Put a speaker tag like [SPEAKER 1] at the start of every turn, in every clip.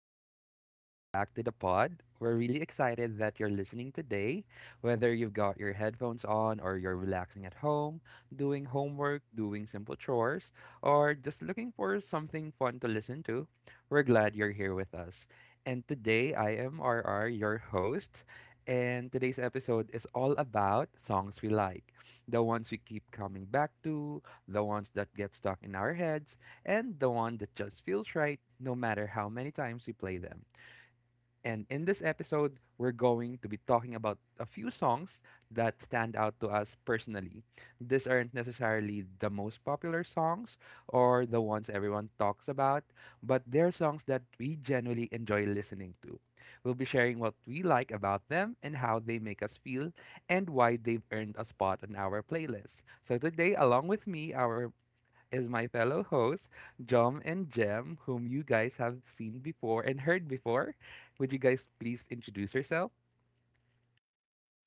[SPEAKER 1] everyone, and welcome back to the pod. We're really excited that you're listening today. Whether you've got your headphones on, or you're relaxing at home, doing homework, doing simple chores, or just looking for something fun to listen to, we're glad you're here with us. And today, I am RR, your host, and today's episode is all about songs we like, the ones we keep coming back to, the ones that get stuck in our heads, and the one that just feels right no matter how many times we play them. And in this episode, we're going to be talking about a few songs that stand out to us personally. These aren't necessarily the most popular songs or the ones everyone talks about, but they're songs that we genuinely enjoy listening to. We'll be sharing what we like about them and how they make us feel and why they've earned a spot on our playlist. So today, along with me, our is my fellow hosts, Jom and Jem, whom you guys have seen before and heard before. Would you guys please introduce yourself?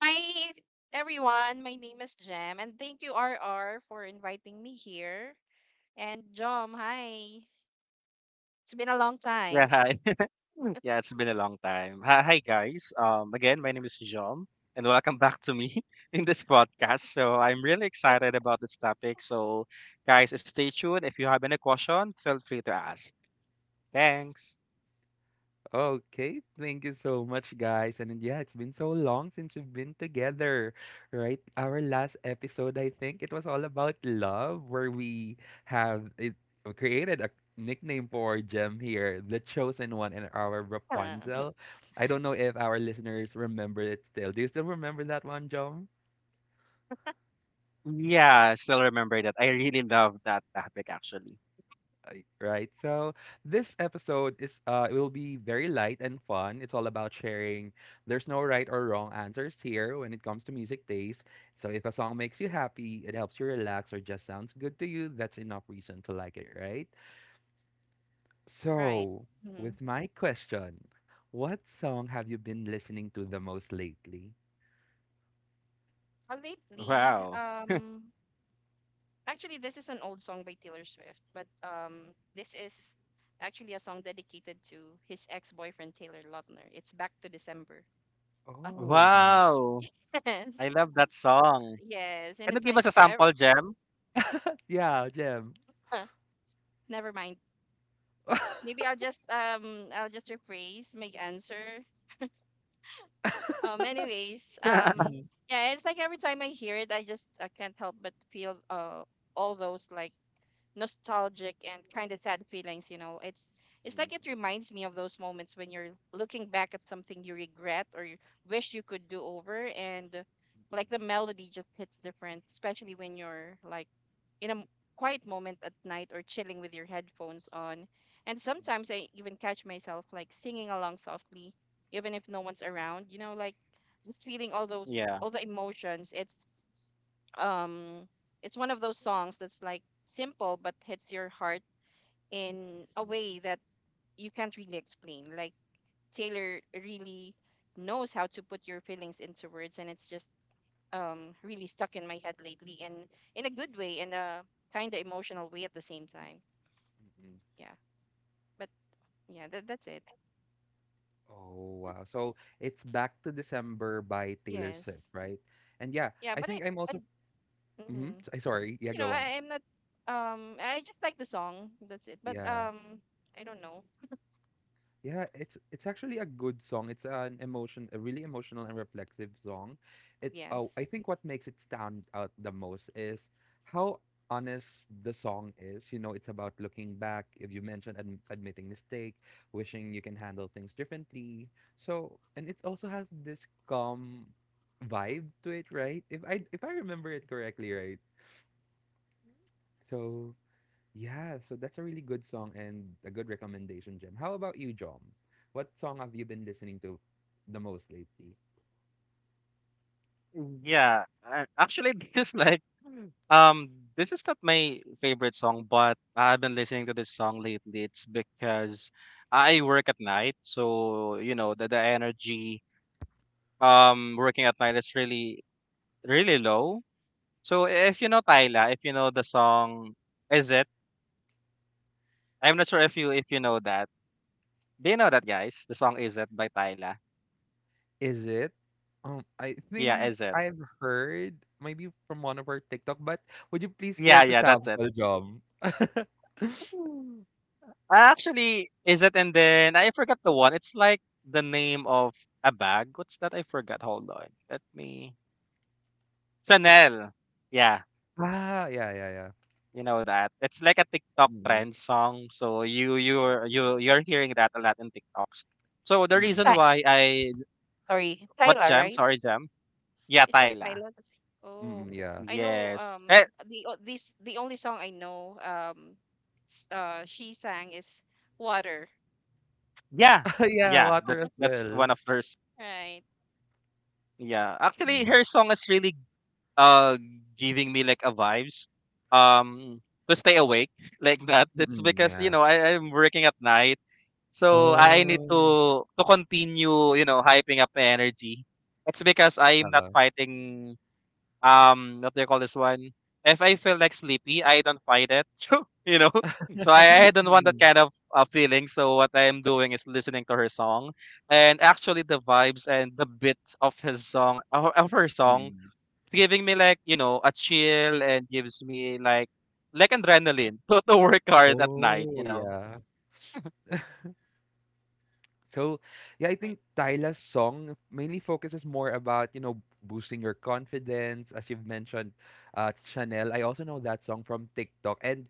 [SPEAKER 2] Hi, everyone. My name is Jem, and thank you, RR, for inviting me here. And Jom, hi. It's been a long
[SPEAKER 3] Yeah,
[SPEAKER 2] time.
[SPEAKER 3] hi. Yeah, it's been a long time. Hi, hi guys. Again, my name is John, and welcome back to me in this podcast. So I'm really excited about this topic. So, guys, stay tuned. If you have any question, feel free to ask. Thanks.
[SPEAKER 1] Okay, thank you so much, guys. And yeah, it's been so long since we've been together, right? Our last episode, I think it was all about love, where we have it, we created a nickname for Jem here, the chosen one, and our Rapunzel. I don't know if our listeners remember it still. Do you still remember that one, Jom?
[SPEAKER 3] Yeah, I still remember that. I really love that topic, actually.
[SPEAKER 1] Right? So this episode is it will be very light and fun. It's all about sharing. There's no right or wrong answers here when it comes to music taste. So if a song makes you happy, it helps you relax or just sounds good to you, that's enough reason to like it, right?
[SPEAKER 2] Right.
[SPEAKER 1] So,
[SPEAKER 2] hmm
[SPEAKER 1] with my question, what song have you been listening to the most lately?
[SPEAKER 2] Uh, lately,
[SPEAKER 3] Wow.
[SPEAKER 2] um, actually, this is an old song by Taylor Swift, but this is actually a song dedicated to his ex-boyfriend Taylor Lautner. It's Back to December. Uh,
[SPEAKER 1] Oh, mhm.
[SPEAKER 3] Wow.
[SPEAKER 2] yes,
[SPEAKER 3] I love that song.
[SPEAKER 2] yes, and
[SPEAKER 3] Can you
[SPEAKER 2] it's
[SPEAKER 3] give
[SPEAKER 2] like,
[SPEAKER 3] us a
[SPEAKER 2] ev-
[SPEAKER 3] sample, Gem?
[SPEAKER 1] Yeah, Jim.
[SPEAKER 2] uh, never mind. Maybe I'll just um, I'll just rephrase my answer. Anyways,
[SPEAKER 1] Mhm.
[SPEAKER 2] yeah, it's like every time I hear it, I can't help but feel all those, like, nostalgic and kind of sad feelings. It's like it reminds me of those moments when you're looking back at something you regret or you wish you could do over, and like, the melody just hits different, especially when you're like in a quiet moment at night or chilling with your headphones on. And sometimes I even catch myself like singing along softly even if no one's around, like, just feeling all those
[SPEAKER 3] yeah.
[SPEAKER 2] all the emotions. It's um it's one of those songs that's like simple but hits your heart in a way that you can't really explain. Like, Taylor really knows how to put your feelings into words, and it's just really stuck in my head lately, and in a good way, and a kind of emotional way at the same time. Yeah. But yeah, that's it.
[SPEAKER 1] Oh, wow. So it's Back to December by Taylor Swift,
[SPEAKER 2] Yes.
[SPEAKER 1] right? And yeah,
[SPEAKER 2] Yeah.
[SPEAKER 1] I
[SPEAKER 2] But i,
[SPEAKER 1] think I'm
[SPEAKER 2] I
[SPEAKER 1] also. Mm-hmm.
[SPEAKER 2] mhm.
[SPEAKER 1] Sorry.
[SPEAKER 2] but
[SPEAKER 1] Yeah,
[SPEAKER 2] you know
[SPEAKER 1] go on.
[SPEAKER 2] I am not, I just like the song, that's it, but
[SPEAKER 1] Yeah.
[SPEAKER 2] I don't know.
[SPEAKER 1] Yeah, it's actually a good song. It's an emotion, a really emotional and reflexive song. It oh, I
[SPEAKER 2] Yes.
[SPEAKER 1] think what makes it stand out the most is how honest the song is. You know, it's about looking back, if you mentioned ad admitting mistake, wishing you can handle things differently. So, and it also has this calm vibe to it, right? If I remember it correctly, right? So, yeah, so that's a really good song and a good recommendation, Jim. How about you, Jom? What song have you been listening to the most lately?
[SPEAKER 3] Yeah, actually, this is um, this is not my favorite song, but I've been listening to this song lately. It's because I work at night, so you know the energy, working at night is really low. So if you know Tyla, if you know the song, is it? I'm not sure if you know that. Do you know that, guys? The song "Is It" by Tyla.
[SPEAKER 1] Is it? I
[SPEAKER 3] Yeah,
[SPEAKER 1] think
[SPEAKER 3] is it?
[SPEAKER 1] I've heard maybe from one of our TikTok, but would you please care
[SPEAKER 3] Yeah,
[SPEAKER 1] to
[SPEAKER 3] yeah, that's
[SPEAKER 1] sample, Jom?
[SPEAKER 3] it. Ah, actually, is it? And then I forgot the one. It's like the name of a bag. What's that? I forgot. Hold on. Let me. Chanel. Yeah,
[SPEAKER 1] Ah, yeah, yeah, yeah.
[SPEAKER 3] you know that. It's like a TikTok
[SPEAKER 1] Mm-mm,
[SPEAKER 3] trend song. So you're hearing that a lot in TikToks. So the reason
[SPEAKER 2] I,
[SPEAKER 1] mm-mm,
[SPEAKER 3] why I
[SPEAKER 2] Sorry,
[SPEAKER 3] what
[SPEAKER 2] Tyla,
[SPEAKER 3] jam?
[SPEAKER 2] right?
[SPEAKER 3] Sorry, jam. Yeah,
[SPEAKER 2] Is that
[SPEAKER 3] Tyla.
[SPEAKER 2] Tyla? Oh,
[SPEAKER 1] mm-mm, yeah.
[SPEAKER 2] I know.
[SPEAKER 3] Yes. Eh,
[SPEAKER 2] The o- this the only song I know. She sang is Water.
[SPEAKER 3] yeah.
[SPEAKER 1] Yeah,
[SPEAKER 3] Yeah,
[SPEAKER 1] water
[SPEAKER 3] that's
[SPEAKER 1] as
[SPEAKER 3] that's
[SPEAKER 1] well.
[SPEAKER 3] one of her. S-
[SPEAKER 2] Right.
[SPEAKER 3] Yeah. Actually,
[SPEAKER 1] Mm-mm,
[SPEAKER 2] Yeah.
[SPEAKER 3] her song is really uh giving me like a vibes um to stay awake like that. It's
[SPEAKER 1] mm-mm,
[SPEAKER 3] because you
[SPEAKER 1] yeah.
[SPEAKER 3] know I'm working at night, so I need
[SPEAKER 1] Oh.
[SPEAKER 3] to continue, you know, hyping up my energy. That's because I'm not
[SPEAKER 1] Uh,
[SPEAKER 3] fighting what do you call this one if I feel like sleepy I don't fight it so you know so I don't want that
[SPEAKER 1] mm-mm.
[SPEAKER 3] kind of feeling, so what I'm doing is listening to her song. And actually the vibes and the bit of his song of her song giving me like, you know, a chill and gives me like adrenaline to work hard at night, you
[SPEAKER 1] Oh,
[SPEAKER 3] know.
[SPEAKER 1] yeah. So, yeah, I
[SPEAKER 2] Right.
[SPEAKER 1] think Tyla's song mainly focuses more about, you know, boosting your confidence. As you've mentioned, Chanel, I also know that song from TikTok. And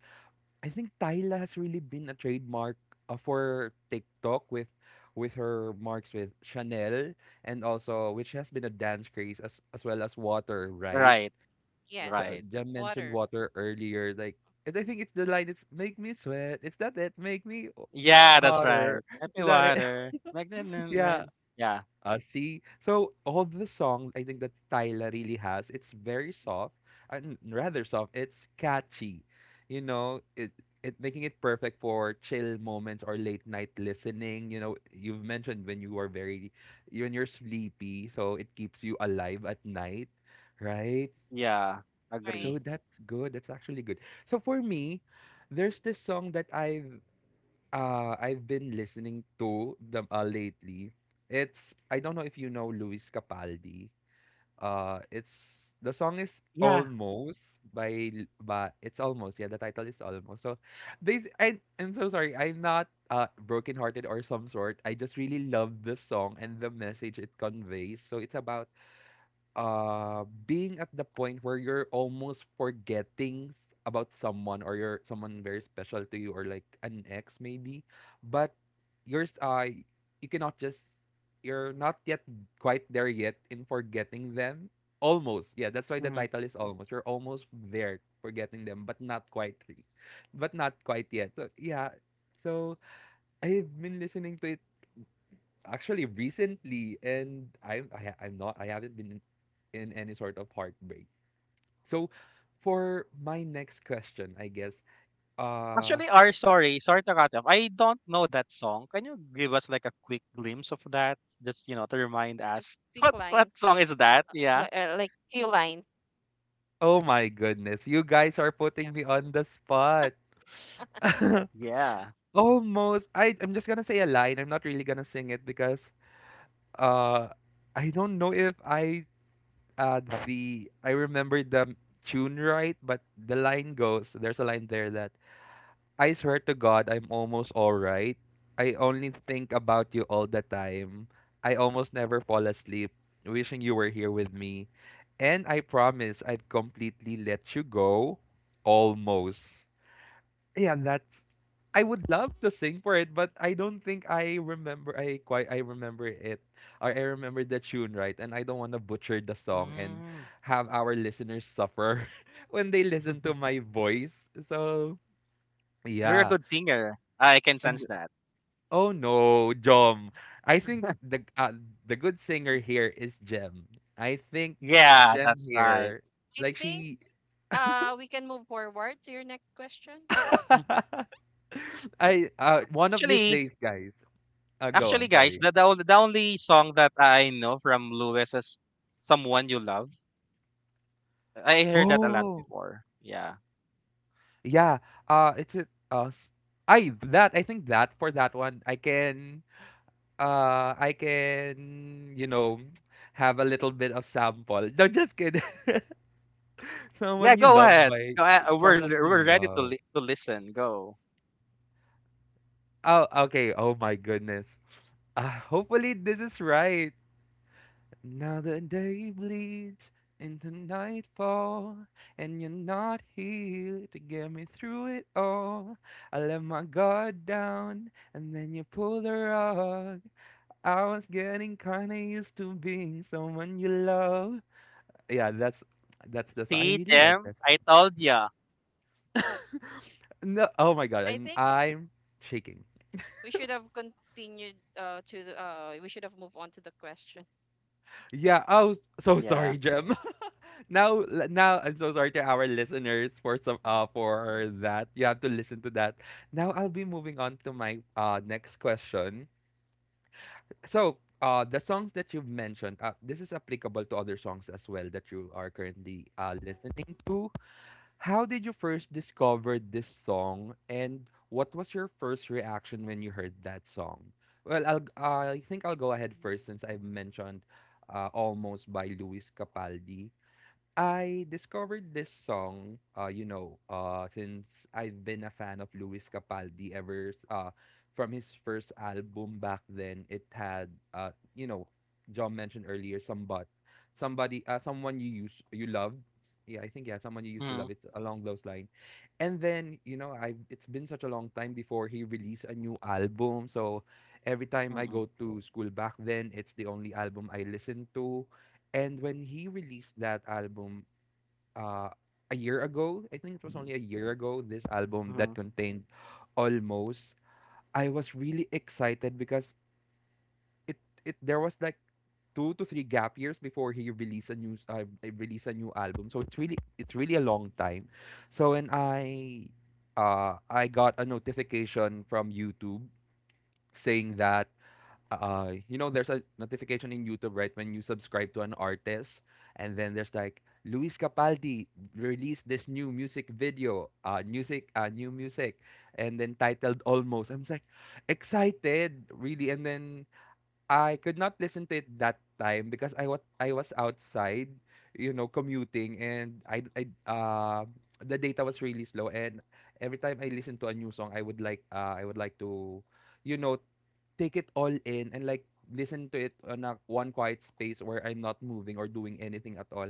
[SPEAKER 1] I think Tyla has really been a trademark for TikTok with her marks with Chanel and also which has been a dance craze as well as Water, right?
[SPEAKER 3] Right,
[SPEAKER 1] So,
[SPEAKER 2] Yes.
[SPEAKER 3] right.
[SPEAKER 1] Jem mentioned
[SPEAKER 2] Water.
[SPEAKER 1] Water earlier, like, and I think it's the line, it's make me sweat. It's that it, make me
[SPEAKER 3] Yeah,
[SPEAKER 2] Yes.
[SPEAKER 3] that's
[SPEAKER 1] hotter.
[SPEAKER 3] right. Happy
[SPEAKER 1] Is that it?
[SPEAKER 3] water. Like that. Na- na-
[SPEAKER 1] Yeah,
[SPEAKER 3] Yeah,
[SPEAKER 1] see, so all the song I think that Tyla really has, it's very soft and rather soft. It's catchy, you know. It making it perfect for chill moments or late night listening. You know, you've mentioned when you are very, when you're sleepy, so it keeps you alive at night, right?
[SPEAKER 3] yeah, agree.
[SPEAKER 2] Right.
[SPEAKER 1] So that's good. That's actually good. So for me, there's this song that I've been listening to them lately. It's, I don't know if you know Luis Capaldi. It's, the song is
[SPEAKER 3] Yeah.
[SPEAKER 1] Almost by it's Almost. Yeah, the title is Almost. So this, I I'm so sorry. I'm not brokenhearted or some sort. I just really love the song and the message it conveys. So it's about being at the point where you're almost forgetting about someone or you're someone very special to you or like an ex maybe, but you're s- uh you cannot just, you're not yet quite there yet in forgetting them, almost, yeah, that's why the
[SPEAKER 3] Mhm.
[SPEAKER 1] title is almost, you're almost there forgetting them but not quite but not quite yet, so yeah. So I've been listening to it actually recently and I'm not, I haven't been in any sort of heartbreak. So for my next question, I guess uh
[SPEAKER 3] Actually, sorry to cut off. I don't know that song. Can you give us like a quick glimpse of that? Just, you know, to remind
[SPEAKER 2] Just
[SPEAKER 3] us.
[SPEAKER 2] quick
[SPEAKER 3] What song
[SPEAKER 2] lines,
[SPEAKER 3] is that? Yeah.
[SPEAKER 2] like, few lines.
[SPEAKER 1] oh my goodness, you guys are
[SPEAKER 2] Yeah.
[SPEAKER 1] putting me on the spot.
[SPEAKER 3] Yeah.
[SPEAKER 1] Almost, I'm just gonna say a line. I'm not really gonna sing it because uh I don't know if I uh the I remember the tune right, but the line goes, there's a line there that I swear to God, I'm almost all right. I only think about you all the time. I almost never fall asleep, wishing you were here with me. And I promise I've completely let you go. Almost. Yeah, that's. I would love to sing for it, but I don't think I remember. I quite. I remember it, or I remember the tune right, and I don't want to butcher the song and
[SPEAKER 3] Mm.
[SPEAKER 1] have our listeners suffer when they listen to my voice. So
[SPEAKER 3] You're a
[SPEAKER 1] yeah.
[SPEAKER 3] good singer. I can sense that.
[SPEAKER 1] Oh no, Jom. I think the good singer here is Jem. I think
[SPEAKER 3] Yeah,
[SPEAKER 1] Jem
[SPEAKER 3] that's right.
[SPEAKER 1] here,
[SPEAKER 2] I
[SPEAKER 1] like
[SPEAKER 2] think
[SPEAKER 1] she,
[SPEAKER 2] we can move forward to your next question.
[SPEAKER 3] Mhm.
[SPEAKER 1] I one of these
[SPEAKER 3] Actually,
[SPEAKER 1] days, guys. Go
[SPEAKER 3] actually,
[SPEAKER 1] on.
[SPEAKER 3] guys,
[SPEAKER 1] Sorry.
[SPEAKER 3] the only song that I know from Lewis is "Someone You Love." I heard that a lot
[SPEAKER 1] Oh
[SPEAKER 3] before. Yeah,
[SPEAKER 1] yeah. It's a I that I think that for that one I can I can, you know, have a little bit of sample. No, just kidding.
[SPEAKER 3] yeah.
[SPEAKER 1] Someone you
[SPEAKER 3] Go
[SPEAKER 1] love
[SPEAKER 3] ahead.
[SPEAKER 1] by
[SPEAKER 3] Go ahead.
[SPEAKER 1] someone you
[SPEAKER 3] We're ready to
[SPEAKER 1] love.
[SPEAKER 3] li- to listen. Go.
[SPEAKER 1] Oh, okay. Oh my goodness. Hopefully this is right. Now the day bleeds into nightfall, and you're not here to get me through it all. I let my guard down, and then you pull the rug. I was getting kinda used to being someone you love. Yeah, that's the song. I
[SPEAKER 3] See,
[SPEAKER 1] really like
[SPEAKER 3] Jim,
[SPEAKER 1] that song.
[SPEAKER 3] I told ya.
[SPEAKER 1] No, oh my god,
[SPEAKER 2] I
[SPEAKER 1] I'm
[SPEAKER 2] think
[SPEAKER 1] I'm shaking.
[SPEAKER 2] we should have continued to the, we should have moved on to the question.
[SPEAKER 1] Yeah. Oh, so
[SPEAKER 3] Yeah.
[SPEAKER 1] sorry, Jem. Now I'm so sorry to our listeners for some for that. You have to listen to that. Now I'll be moving on to my next question. So the songs that you've mentioned, this is applicable to other songs as well that you are currently listening to. How did you first discover this song and what was your first reaction when you heard that song? Well, I think I'll go ahead first since I've mentioned Almost by Luis Capaldi. I discovered this song, you know, since I've been a fan of Luis Capaldi ever, from his first album back then. It had, you know, John mentioned earlier, somebody, someone you used, you love. Yeah, I think yeah, someone you used to
[SPEAKER 3] Mm-hmm.
[SPEAKER 1] love. It's along those lines. And then, you know, I it's been such a long time before he released a new album. So every time I
[SPEAKER 3] Mm-hmm.
[SPEAKER 1] go to school back then, it's the only album I listen to. And when he released that album, uh, a year ago. I think it was only a year ago, this album that contained almost. I was really excited because it, it there was like 2 to 3 gap years before he released a release a new album. So it's really a long time. So when I got a notification from YouTube saying that you know there's a notification in YouTube, right, when you subscribe to an artist, and then there's like Luis Capaldi released this new music video music new music and then titled Almost. I'm like excited, really, and then I could not listen to it that time because I was outside, you know, commuting, and I the data was really slow, and every time I listen to a new song I would like, I would like to, you know, take it all in and like listen to it on a one quiet space where I'm not moving or doing anything at all.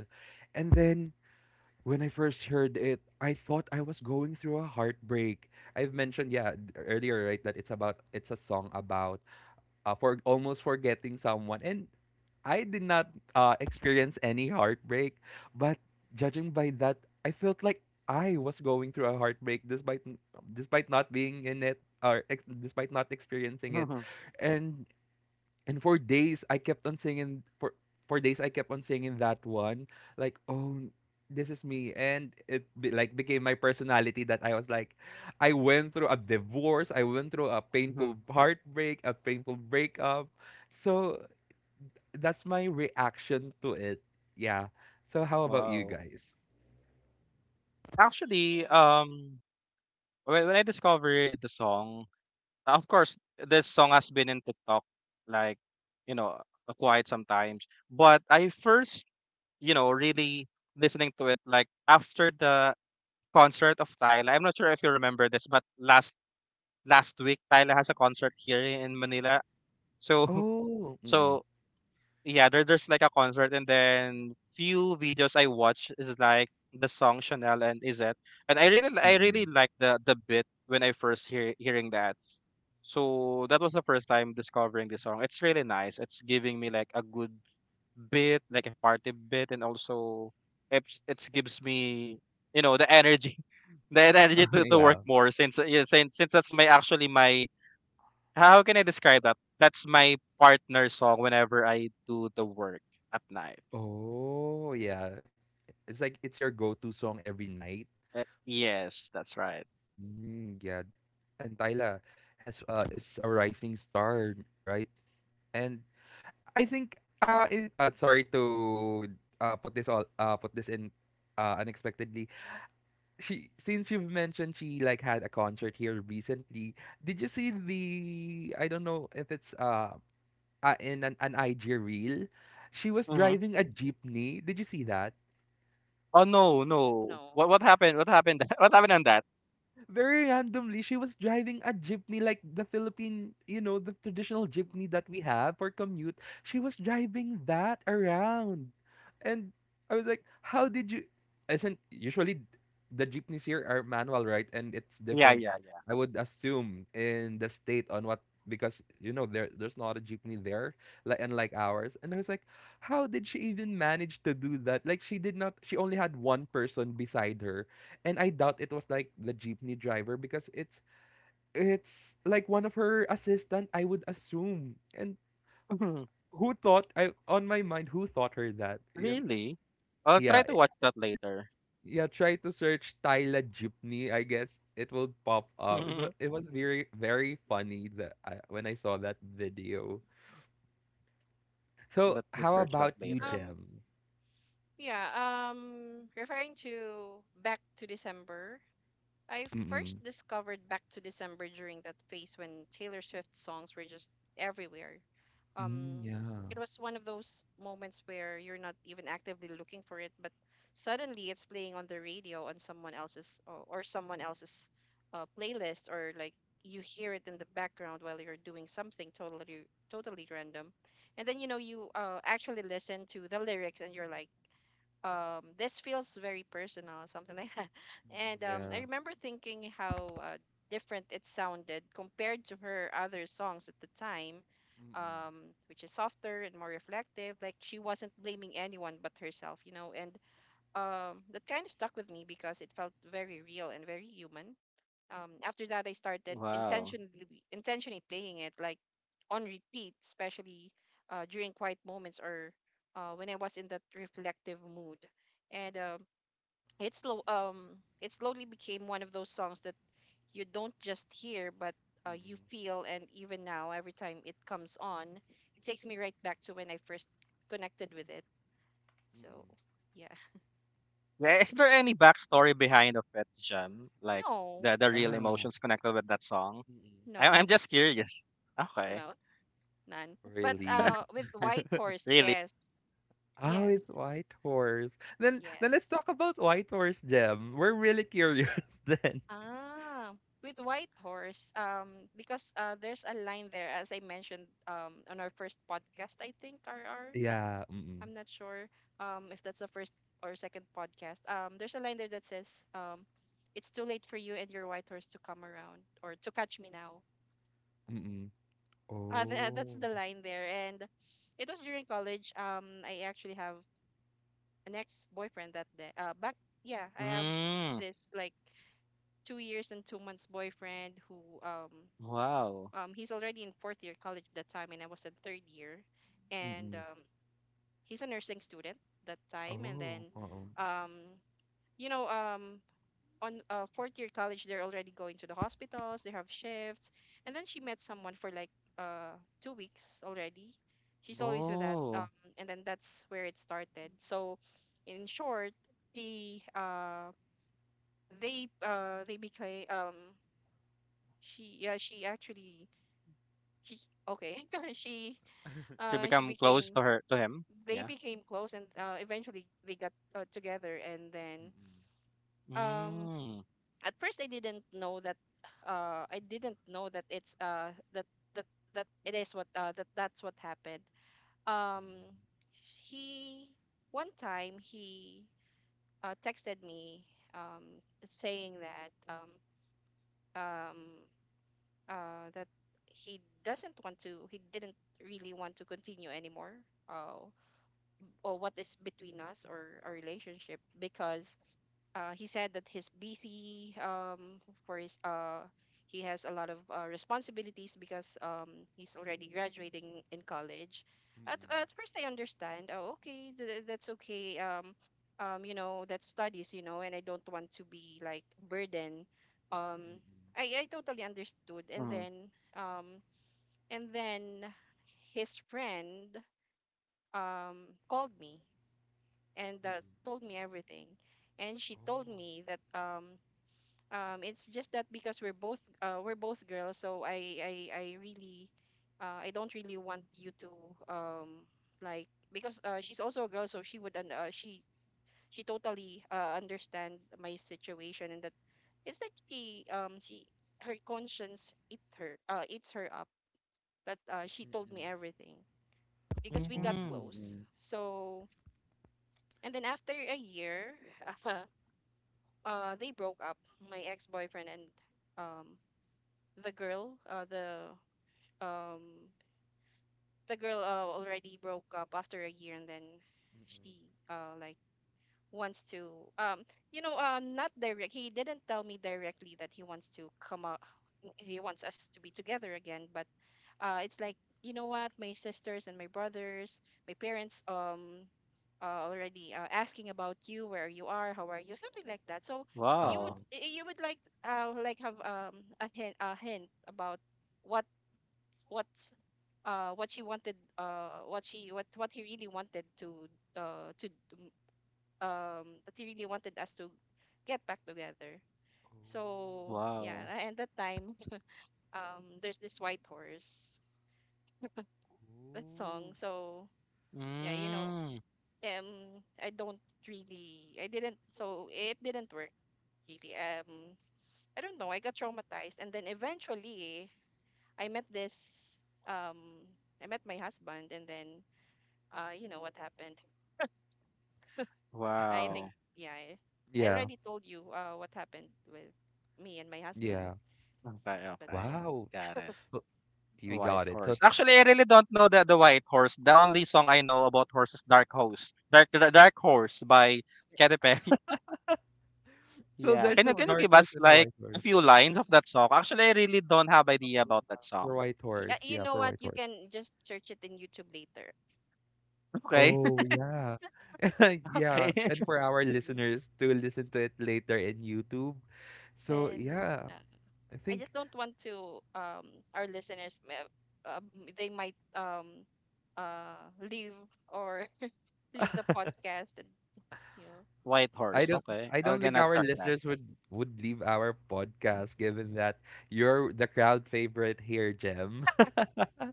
[SPEAKER 1] And then when I first heard it, I thought I was going through a heartbreak. I've mentioned yeah earlier, right, that it's about, it's a song about for almost forgetting someone, and I did not experience any heartbreak, but judging by that, I felt like I was going through a heartbreak despite not being in it despite not experiencing it,
[SPEAKER 3] Mm-hmm.
[SPEAKER 1] and and for days I kept on singing for days I kept on singing that one. Like, oh, this is me, and it be, like, became my personality that I was like, I went through a divorce, I went through a painful heartbreak, a painful breakup. So that's my reaction to it. Yeah. So how about you
[SPEAKER 3] Wow.
[SPEAKER 1] guys?
[SPEAKER 3] Actually,
[SPEAKER 2] Mm.
[SPEAKER 3] when I discovered the song, of course, this song has been in TikTok, like, you know, quite some times. But I first, you know, really listening to it like after the concert of Tyla. I'm not sure if you remember this, but last week Tyla has a concert here in Manila. So
[SPEAKER 1] Oh, mm-mm.
[SPEAKER 3] so yeah, there's like a concert and then few videos I watch is like the song Chanel and Izet. And I really I really
[SPEAKER 1] Mm-mm.
[SPEAKER 3] like the bit when I first hearing that, so that was the first time discovering this song. It's really nice. It's giving me like a good bit, like a party bit, and also it gives me, you know, the energy, the energy to work
[SPEAKER 1] Yeah.
[SPEAKER 3] more. Since yeah, since that's my how can I describe that? That's my partner song whenever I do the work at night.
[SPEAKER 1] Oh, yeah. It's like it's your go-to song every night.
[SPEAKER 3] Yes, that's right.
[SPEAKER 1] Mm, yeah. And Tyla has is a rising star, right? And I think in sorry to put this in unexpectedly. She, since you've mentioned she like had a concert here recently, did you see the, I don't know if it's in an IG reel? She was
[SPEAKER 3] Hmm.
[SPEAKER 1] driving a jeepney. Did you see that?
[SPEAKER 3] Oh no, no.
[SPEAKER 2] No.
[SPEAKER 3] What happened? What happened? what happened on that?
[SPEAKER 1] Very randomly, she was driving a jeepney, like the Philippine, you know, the traditional jeepney that we have for commute. She was driving that around. And I was like, how did you, isn't usually the jeepneys here are manual, right? And it's
[SPEAKER 3] Yeah,
[SPEAKER 1] different,
[SPEAKER 3] yeah, yeah.
[SPEAKER 1] I would assume, in the state on what, because you know there's not a jeepney there like unlike ours. And I was like, how did she even manage to do that? Like, she did not, she only had one person beside her, and I doubt it was like the jeepney driver, because it's like one of her assistant, I would assume. And who thought, I on my mind, who thought her that? Yeah,
[SPEAKER 3] really? I'll try
[SPEAKER 1] yeah,
[SPEAKER 3] to
[SPEAKER 1] eh,
[SPEAKER 3] watch that later.
[SPEAKER 1] yeah, try to search Tyla jeepney, I guess it will pop up. It was, it was very, very funny that I, when I saw that video.
[SPEAKER 3] Let
[SPEAKER 1] So,
[SPEAKER 3] me
[SPEAKER 1] how
[SPEAKER 3] search that
[SPEAKER 1] about you,
[SPEAKER 3] later.
[SPEAKER 2] Um.
[SPEAKER 1] Jem?
[SPEAKER 2] Yeah, referring to Back to December, I
[SPEAKER 1] Mm-mm.
[SPEAKER 2] first discovered Back to December during that phase when Taylor Swift songs were just everywhere. Um,
[SPEAKER 1] Mm, yeah.
[SPEAKER 2] it was one of those moments where you're not even actively looking for it, but suddenly it's playing on the radio on someone else's playlist, or like, you hear it in the background while you're doing something totally random. And then, you actually listen to the lyrics, and you're like, this feels very personal, something like that.
[SPEAKER 1] Mm,
[SPEAKER 2] And I
[SPEAKER 1] yeah.
[SPEAKER 2] remember thinking how different it sounded compared to her other songs at the time,
[SPEAKER 1] Mm-mm.
[SPEAKER 2] um which is softer and more reflective, like she wasn't blaming anyone but herself. And that kind of stuck with me because it felt very real and very human. After that, I started
[SPEAKER 3] Wow.
[SPEAKER 2] intentionally playing it, like on repeat, especially during quiet moments or when I was in that reflective mood. And it slowly became one of those songs that you don't just hear, but you
[SPEAKER 1] Mm-mm.
[SPEAKER 2] feel. And even now, every time it comes on, it takes me right back to when I first connected with it. So
[SPEAKER 1] Mm-mm.
[SPEAKER 2] yeah.
[SPEAKER 3] Yeah, is
[SPEAKER 2] that's
[SPEAKER 3] there any backstory behind of Pet Jam? Like
[SPEAKER 2] No,
[SPEAKER 3] the real
[SPEAKER 1] Yeah.
[SPEAKER 3] emotions connected with that song?
[SPEAKER 1] Mm-mm.
[SPEAKER 3] I,
[SPEAKER 2] no,
[SPEAKER 3] I'm just curious. Okay.
[SPEAKER 2] no, none. But
[SPEAKER 1] Really?
[SPEAKER 2] with White Horse,
[SPEAKER 3] Really?
[SPEAKER 2] yes.
[SPEAKER 1] How is
[SPEAKER 2] Yes,
[SPEAKER 1] White Horse? Then
[SPEAKER 2] yes.
[SPEAKER 1] let's talk about White Horse, Gem. We're really curious then.
[SPEAKER 2] Ah, with White Horse, because there's a line there, as I mentioned on our first podcast, I think, RR.
[SPEAKER 1] Yeah. Mm-mm.
[SPEAKER 2] I'm not sure if that's the first or second podcast. There's a line there that says, it's too late for you and your white horse to come around or to catch me now.
[SPEAKER 1] Mm-mm.
[SPEAKER 2] That's
[SPEAKER 1] Oh.
[SPEAKER 2] the line there. And it was during college. I actually have an ex-boyfriend that day. Back, yeah, I have
[SPEAKER 3] Mm,
[SPEAKER 2] this like 2 years and 2 months boyfriend who um
[SPEAKER 3] wow.
[SPEAKER 2] he's already in fourth year college that time, and I was in third year, and
[SPEAKER 1] Mm-mm.
[SPEAKER 2] he's a nursing student that time. And
[SPEAKER 1] Oh.
[SPEAKER 2] then
[SPEAKER 1] Oo.
[SPEAKER 2] um you know um on fourth year college they're already going to the hospitals, they have shifts. And then she met someone for like uh 2 weeks already, she's always
[SPEAKER 1] Mm-mm.
[SPEAKER 2] with that,
[SPEAKER 3] Oh,
[SPEAKER 2] and then that's where it started. So in short, he, they became, she, yeah, she actually, she, okay. She,
[SPEAKER 3] she
[SPEAKER 1] Go.
[SPEAKER 2] she
[SPEAKER 3] become close
[SPEAKER 2] became,
[SPEAKER 3] to her to him.
[SPEAKER 2] they
[SPEAKER 3] Yeah.
[SPEAKER 2] became close, and eventually they got together. And then
[SPEAKER 1] Mm-mm.
[SPEAKER 2] um
[SPEAKER 3] Mm,
[SPEAKER 2] at first I didn't know that, I didn't know that it's, that that that it is what, that that's what happened. Um
[SPEAKER 1] Mm-mm.
[SPEAKER 2] he, one time he texted me, um saying that, um uh, that he doesn't want to, he didn't really want to continue anymore, uh, or what is between us or our relationship, because he said that he's busy, for his, he has a lot of responsibilities because he's already graduating in college.
[SPEAKER 1] Mm-mm.
[SPEAKER 2] At first, I understand. Oh, okay, that's okay. You know, that's studies. You know, and I don't want to be like a burden. Um,
[SPEAKER 1] Mm-mm.
[SPEAKER 2] I totally understood. And
[SPEAKER 3] mm,
[SPEAKER 2] then, um, and then his friend called me, and
[SPEAKER 1] Mm-mm.
[SPEAKER 2] told me everything. And she told
[SPEAKER 1] Oh.
[SPEAKER 2] me that, it's just that because we're both, we're both girls, so I really, I don't really want you to, um like, because she's also a girl, so she would, she totally understand my situation, and that it's like she, she, her conscience eat her, eats her up, that she told
[SPEAKER 1] Mm-mm.
[SPEAKER 2] me everything because we got
[SPEAKER 1] Oh.
[SPEAKER 3] mm,
[SPEAKER 2] close.
[SPEAKER 1] Mm-mm.
[SPEAKER 2] So, and then after a year they broke up, my ex-boyfriend and, um the girl, um, the girl, already broke up after a year. And then she
[SPEAKER 1] Mm-mm.
[SPEAKER 2] like wants to, um, you know, not direct. He didn't tell me directly that he wants to come out. He wants us to be together again, but it's like, you know what, my sisters and my brothers, my parents, already asking about you, where you are, how are you, something like that. So you would,
[SPEAKER 3] wow.
[SPEAKER 1] Uh-uh.
[SPEAKER 2] you would like, like have, a hint, a hint about what, what's, what she wanted, what she, what he really wanted to, uh to do- that he really wanted us to get back together.
[SPEAKER 1] Oh.
[SPEAKER 2] So
[SPEAKER 1] Mm-mm.
[SPEAKER 2] yeah,
[SPEAKER 3] Wow.
[SPEAKER 2] and that time, there's this white horse, that
[SPEAKER 1] Oh.
[SPEAKER 2] song. So yeah, you know,
[SPEAKER 3] Mm,
[SPEAKER 2] I don't really, I didn't, so it didn't work really. I don't know, I got traumatized, and then eventually I met this, um I met my husband, and then you know what happened. I think,
[SPEAKER 3] wow.
[SPEAKER 2] yeah, I
[SPEAKER 1] Yeah.
[SPEAKER 2] already told you what happened with me and my husband,
[SPEAKER 1] Yeah.
[SPEAKER 3] Okay.
[SPEAKER 2] but
[SPEAKER 3] Okay.
[SPEAKER 2] yeah.
[SPEAKER 1] Wow.
[SPEAKER 3] Got it.
[SPEAKER 1] Oh, you
[SPEAKER 3] White
[SPEAKER 1] got it. So,
[SPEAKER 3] Horse. Actually, I really don't know the White Horse. The only song I know about
[SPEAKER 2] hmm
[SPEAKER 3] horse is Dark Horse. Dark Horse by Katy Perry.
[SPEAKER 1] so
[SPEAKER 3] Yeah.
[SPEAKER 2] White
[SPEAKER 1] there's
[SPEAKER 3] Can
[SPEAKER 1] a
[SPEAKER 3] you
[SPEAKER 1] dark
[SPEAKER 3] give
[SPEAKER 2] Horse.
[SPEAKER 1] horse
[SPEAKER 3] us
[SPEAKER 1] and a
[SPEAKER 3] like
[SPEAKER 1] white
[SPEAKER 3] a
[SPEAKER 1] horse.
[SPEAKER 3] few lines of that song? Actually, I really don't have idea about that
[SPEAKER 1] For
[SPEAKER 3] song.
[SPEAKER 1] White
[SPEAKER 2] Y- uh,
[SPEAKER 1] Horse,
[SPEAKER 2] you
[SPEAKER 1] yeah,
[SPEAKER 2] know
[SPEAKER 1] for
[SPEAKER 2] what?
[SPEAKER 1] White
[SPEAKER 2] You
[SPEAKER 1] Horse.
[SPEAKER 2] can just search it in YouTube later.
[SPEAKER 3] Okay.
[SPEAKER 1] Oh, yeah. Yeah,
[SPEAKER 3] okay.
[SPEAKER 1] and for our listeners to listen to it later in YouTube. So,
[SPEAKER 2] Then,
[SPEAKER 1] yeah,
[SPEAKER 2] uh,
[SPEAKER 1] I
[SPEAKER 2] I
[SPEAKER 1] think
[SPEAKER 2] just don't want to, our listeners, um, they might leave, or leave the podcast and you know
[SPEAKER 3] White
[SPEAKER 1] I
[SPEAKER 3] Horse.
[SPEAKER 1] don't
[SPEAKER 3] Okay.
[SPEAKER 1] I
[SPEAKER 3] I'm
[SPEAKER 1] don't think
[SPEAKER 3] gonna
[SPEAKER 1] our
[SPEAKER 2] Yes,
[SPEAKER 3] check
[SPEAKER 2] white
[SPEAKER 3] that.
[SPEAKER 1] listeners
[SPEAKER 2] horse.
[SPEAKER 1] would leave our podcast, given that you're the crowd favorite here, Jem.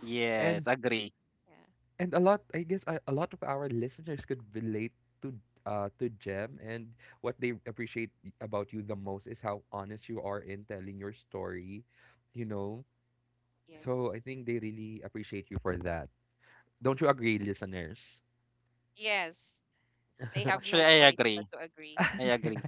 [SPEAKER 3] Yes,
[SPEAKER 1] And
[SPEAKER 3] agree.
[SPEAKER 2] Yeah,
[SPEAKER 1] And a lot, I guess, a lot of our listeners could relate to, to Jem, and what they appreciate about you the most is how honest you are in telling your story, you know. So I think
[SPEAKER 2] yes,
[SPEAKER 1] they really appreciate you for that. Don't you agree, listeners?
[SPEAKER 2] yes, they have no
[SPEAKER 3] Actually, I
[SPEAKER 2] choice but
[SPEAKER 3] agree.
[SPEAKER 2] to agree.
[SPEAKER 3] I
[SPEAKER 1] Yeah,
[SPEAKER 3] agree.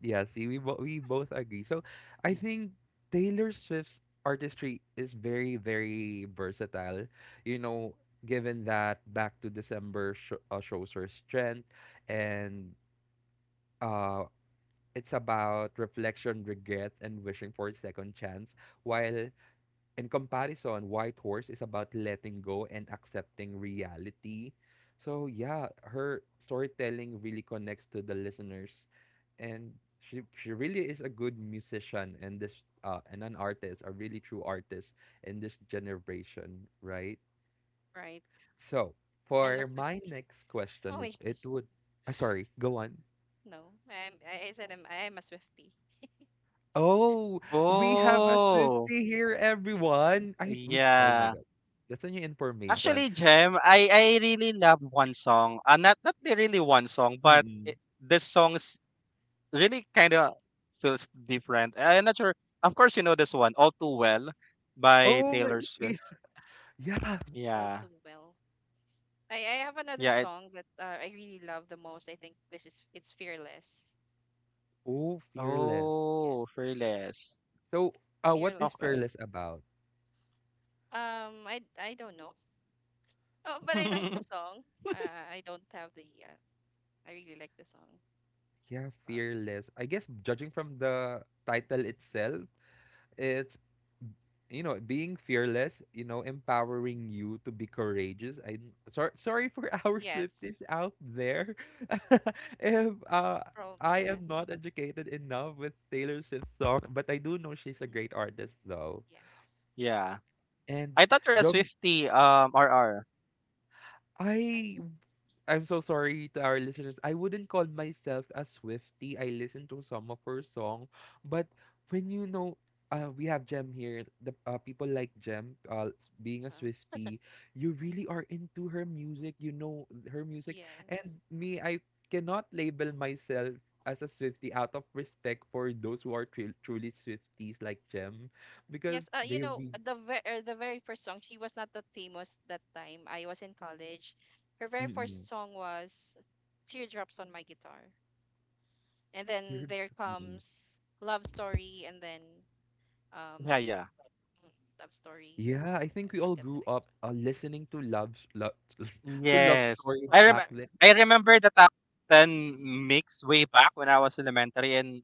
[SPEAKER 1] yeah, see, we both agree. So I
[SPEAKER 3] Mm.
[SPEAKER 1] think Taylor Swift's artistry is very, very versatile. You know, given that Back to December shows her strength, and uh, it's about reflection, regret, and wishing for a second chance, while, in comparison, White Horse is about letting go and accepting reality. So yeah, her storytelling really connects to the listeners, and she really is a good musician, and this and an artist, a really true artist in this generation, right?
[SPEAKER 2] Right.
[SPEAKER 1] So
[SPEAKER 2] I'm a
[SPEAKER 1] for my
[SPEAKER 2] Swiftie.
[SPEAKER 1] next
[SPEAKER 2] Oh
[SPEAKER 1] question,
[SPEAKER 2] my
[SPEAKER 1] it
[SPEAKER 2] gosh,
[SPEAKER 1] would. Sorry, go on.
[SPEAKER 2] no. I said I'm a Swiftie.
[SPEAKER 1] Oh, we have a
[SPEAKER 3] Oh,
[SPEAKER 1] Swifty here, everyone. I we. Oh my
[SPEAKER 3] yeah.
[SPEAKER 1] God, that's a new information.
[SPEAKER 3] Actually, Jem, I really love one song. Not the really one song, but it, this song is really kind of feels different. I- am not sure. Of course, you know this one, "All Too Well" by
[SPEAKER 1] Oh my,
[SPEAKER 2] All,
[SPEAKER 3] Taylor
[SPEAKER 1] y-
[SPEAKER 3] Swift.
[SPEAKER 1] yeah.
[SPEAKER 2] all
[SPEAKER 3] Yeah,
[SPEAKER 2] too well. I have another
[SPEAKER 3] yeah. It,
[SPEAKER 2] song that, I really love the most. I think this is, it's Fearless.
[SPEAKER 1] Oh, fearless.
[SPEAKER 3] oh,
[SPEAKER 2] Yes,
[SPEAKER 3] Fearless.
[SPEAKER 1] So, what is
[SPEAKER 2] Fearless.
[SPEAKER 3] Okay.
[SPEAKER 1] fearless about?
[SPEAKER 2] I don't know. Oh, but I like the song. I don't have the. I really like the song.
[SPEAKER 1] Yeah, fearless. I guess judging from the title itself, it's, you know, being fearless. You know, empowering you to be courageous. I sorry, sorry for our
[SPEAKER 2] Yes,
[SPEAKER 1] Swifties out there. if
[SPEAKER 2] probably.
[SPEAKER 1] I
[SPEAKER 2] Yeah.
[SPEAKER 1] am not educated enough with Taylor Swift's song, but I do know she's a great artist though.
[SPEAKER 2] Yes.
[SPEAKER 3] yeah,
[SPEAKER 1] And
[SPEAKER 3] I thought you're a Swifty. RR.
[SPEAKER 2] I
[SPEAKER 1] I
[SPEAKER 2] don't
[SPEAKER 1] I'm so sorry to our listeners. I wouldn't call myself a Swiftie. I listen to some of her song, but when you know we have Jem here, the people like Jem being a
[SPEAKER 2] know.
[SPEAKER 1] Swiftie, you really are into her music, you know her music.
[SPEAKER 2] Yes.
[SPEAKER 1] And me, I cannot label myself as a Swiftie out of respect for those who are truly Swifties like Jem because
[SPEAKER 2] Yes, you
[SPEAKER 1] they
[SPEAKER 2] know,
[SPEAKER 1] re-
[SPEAKER 2] the ver the very first song, she was not that famous that time. I was in college. Her very
[SPEAKER 1] Mm-mm.
[SPEAKER 2] first song was Teardrops on My Guitar. And then
[SPEAKER 1] They're,
[SPEAKER 2] there
[SPEAKER 1] mm.
[SPEAKER 2] comes Love Story. And then
[SPEAKER 3] Yeah,
[SPEAKER 2] um
[SPEAKER 3] yeah.
[SPEAKER 2] mm, Love Story.
[SPEAKER 1] Yeah, I think
[SPEAKER 2] I
[SPEAKER 1] we all
[SPEAKER 2] forget the
[SPEAKER 1] grew up
[SPEAKER 2] next
[SPEAKER 1] listening to love to love
[SPEAKER 3] Yes,
[SPEAKER 1] stories
[SPEAKER 2] one.
[SPEAKER 3] I
[SPEAKER 2] Love
[SPEAKER 3] rem
[SPEAKER 1] back
[SPEAKER 2] Story.
[SPEAKER 1] then.
[SPEAKER 3] I remember the top ten mix way back when I was elementary, and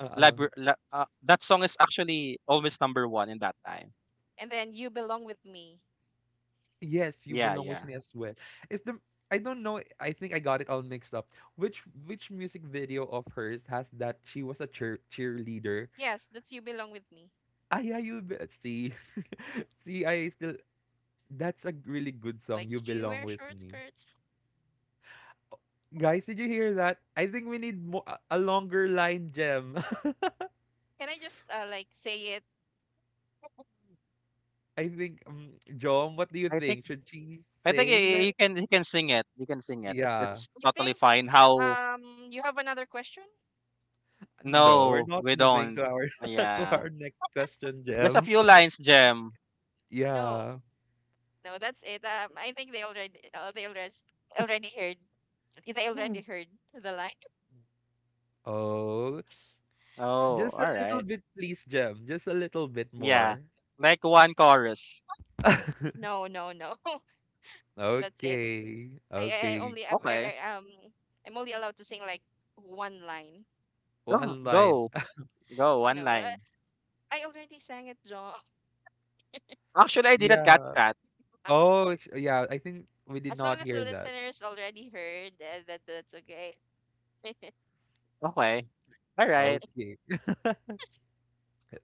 [SPEAKER 1] Uh-uh.
[SPEAKER 3] That song is actually always number one in that time.
[SPEAKER 2] And then You Belong With Me.
[SPEAKER 1] Yes, you
[SPEAKER 3] Yeah,
[SPEAKER 1] belong with
[SPEAKER 3] yeah.
[SPEAKER 1] me as well. It's the, I don't know. I think I got it all mixed up. Which which music video of hers has that she was a cheerleader?
[SPEAKER 2] Yes, that's You Belong With Me.
[SPEAKER 1] Ah, yeah, you be, see, see, I still. That's a really good song. You
[SPEAKER 2] Like, you
[SPEAKER 1] belong
[SPEAKER 2] wear
[SPEAKER 1] with
[SPEAKER 2] short
[SPEAKER 1] me,
[SPEAKER 2] skirts.
[SPEAKER 1] guys. Did you hear that? I think we need mo, a longer line, Gem.
[SPEAKER 2] Can I just, like, say it?
[SPEAKER 1] I think, Jom, what do you
[SPEAKER 3] I think
[SPEAKER 1] think? Should she
[SPEAKER 3] I think
[SPEAKER 1] sing?
[SPEAKER 3] you can sing it. You can sing it.
[SPEAKER 1] Yeah.
[SPEAKER 3] It's
[SPEAKER 2] You
[SPEAKER 3] totally
[SPEAKER 2] think
[SPEAKER 3] fine. How
[SPEAKER 2] you have another question?
[SPEAKER 1] No, we're
[SPEAKER 3] no,
[SPEAKER 1] not
[SPEAKER 3] we
[SPEAKER 1] moving
[SPEAKER 3] don't.
[SPEAKER 1] to our to
[SPEAKER 3] Yeah,
[SPEAKER 1] our next question,
[SPEAKER 3] just a
[SPEAKER 1] Jem.
[SPEAKER 3] few lines, Gem.
[SPEAKER 2] No.
[SPEAKER 1] Yeah.
[SPEAKER 2] No, that's it. I think they already, they already, already heard, they
[SPEAKER 3] Hmm.
[SPEAKER 2] already heard the line.
[SPEAKER 1] Oh,
[SPEAKER 3] Oh,
[SPEAKER 1] just a
[SPEAKER 3] all
[SPEAKER 1] little
[SPEAKER 3] right.
[SPEAKER 1] bit, please, Jem. Just a little bit
[SPEAKER 3] Yeah,
[SPEAKER 1] more.
[SPEAKER 3] like one chorus.
[SPEAKER 2] No, no, no. That's it.
[SPEAKER 1] Okay.
[SPEAKER 2] I
[SPEAKER 1] Okay.
[SPEAKER 2] only I've,
[SPEAKER 3] Okay.
[SPEAKER 2] I, I'm only allowed to sing like one line.
[SPEAKER 3] Oh,
[SPEAKER 1] One line.
[SPEAKER 3] go one
[SPEAKER 2] No,
[SPEAKER 3] line.
[SPEAKER 2] I already sang it, John.
[SPEAKER 3] Actually, I did a cat
[SPEAKER 1] Yeah.
[SPEAKER 3] cat.
[SPEAKER 1] Oh, it's- yeah. I think we did
[SPEAKER 2] As long
[SPEAKER 1] not
[SPEAKER 2] as the
[SPEAKER 1] hear that.
[SPEAKER 2] listeners already heard, that that's okay.
[SPEAKER 3] Okay. All right.
[SPEAKER 1] Okay.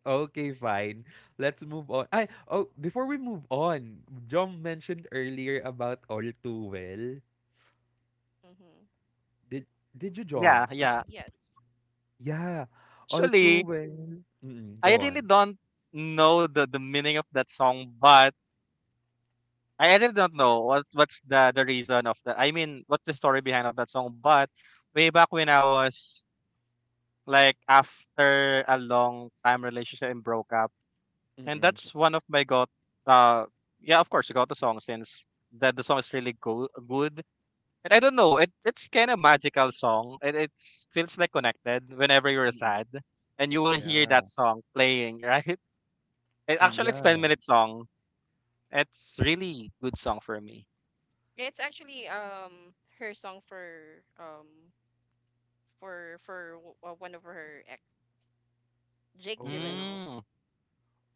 [SPEAKER 1] Okay, fine. Let's move on.
[SPEAKER 2] Yeah.
[SPEAKER 1] I, oh, before we move on, John mentioned earlier about all too well.
[SPEAKER 2] Mm-hmm.
[SPEAKER 1] Did did you,
[SPEAKER 2] All
[SPEAKER 1] John?
[SPEAKER 3] Yeah,
[SPEAKER 2] too well.
[SPEAKER 3] yeah.
[SPEAKER 2] Yes.
[SPEAKER 1] Yeah, all too
[SPEAKER 3] Actually,
[SPEAKER 1] well. Mm-mm,
[SPEAKER 3] I
[SPEAKER 1] go
[SPEAKER 3] really
[SPEAKER 1] on.
[SPEAKER 3] don't know the meaning of that song, but I really don't know what what's the reason of that. I mean, what's the story behind of that song? But way back when I was like after a long time relationship and broke up, and
[SPEAKER 1] Mm-mm.
[SPEAKER 3] that's one of my got uh yeah, of course got the song since that the song is really go- good. And I don't know, it it's kind of magical song. It feels like connected whenever you're
[SPEAKER 1] Mm-mm.
[SPEAKER 3] sad, and you will hear that
[SPEAKER 1] Yeah.
[SPEAKER 3] song playing right. It,
[SPEAKER 1] Mm,
[SPEAKER 3] actually,
[SPEAKER 2] Yes.
[SPEAKER 3] it's ten
[SPEAKER 1] yeah.
[SPEAKER 3] minute song. It's really good song for me.
[SPEAKER 2] It's actually her song for, one of her ex, Jake
[SPEAKER 1] Oh.
[SPEAKER 2] Gyllenhaal.
[SPEAKER 3] Mm.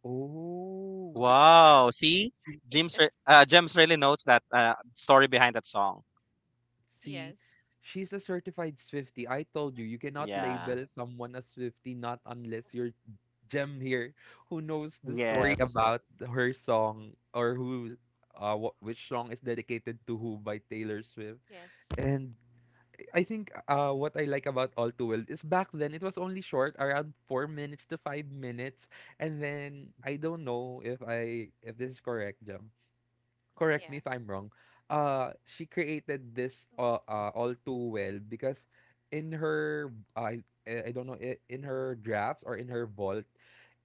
[SPEAKER 1] Oh.
[SPEAKER 3] Wow. See,
[SPEAKER 1] She,
[SPEAKER 3] James, James really knows that story behind that song.
[SPEAKER 1] see,
[SPEAKER 2] Yes.
[SPEAKER 1] she's a certified Swifty. I told you, you cannot
[SPEAKER 3] Yeah.
[SPEAKER 1] label someone a Swifty not unless you're gem here, who knows the story
[SPEAKER 3] Yes.
[SPEAKER 1] about her song, or who, which song is dedicated to who by Taylor Swift.
[SPEAKER 2] Yes.
[SPEAKER 1] And I think what I like about All Too Well is back then it was only short, around 4 minutes to 5 minutes, and then I don't know if I, if this is correct, Jam. Correct me
[SPEAKER 2] Yeah.
[SPEAKER 1] if I'm wrong, she created this all too well because in her, I don't know, in her drafts or in her vault,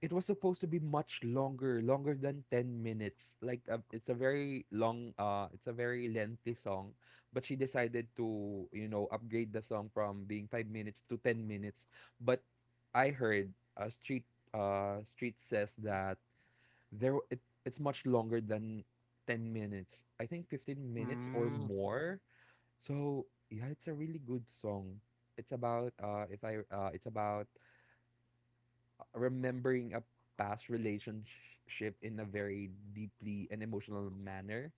[SPEAKER 1] it was supposed to be much longer, longer than 10 minutes. Like, it's a very long, it's a very lengthy song, but she decided to, you know, upgrade the song from being 5 minutes to 10 minutes. But I heard uh, street street says that there it, it's much longer than 10 minutes. I think 15 minutes or
[SPEAKER 3] Mm.
[SPEAKER 1] more. So yeah, it's a really good song. It's about, if I it's about remembering a past relationship in a very deeply and emotional manner.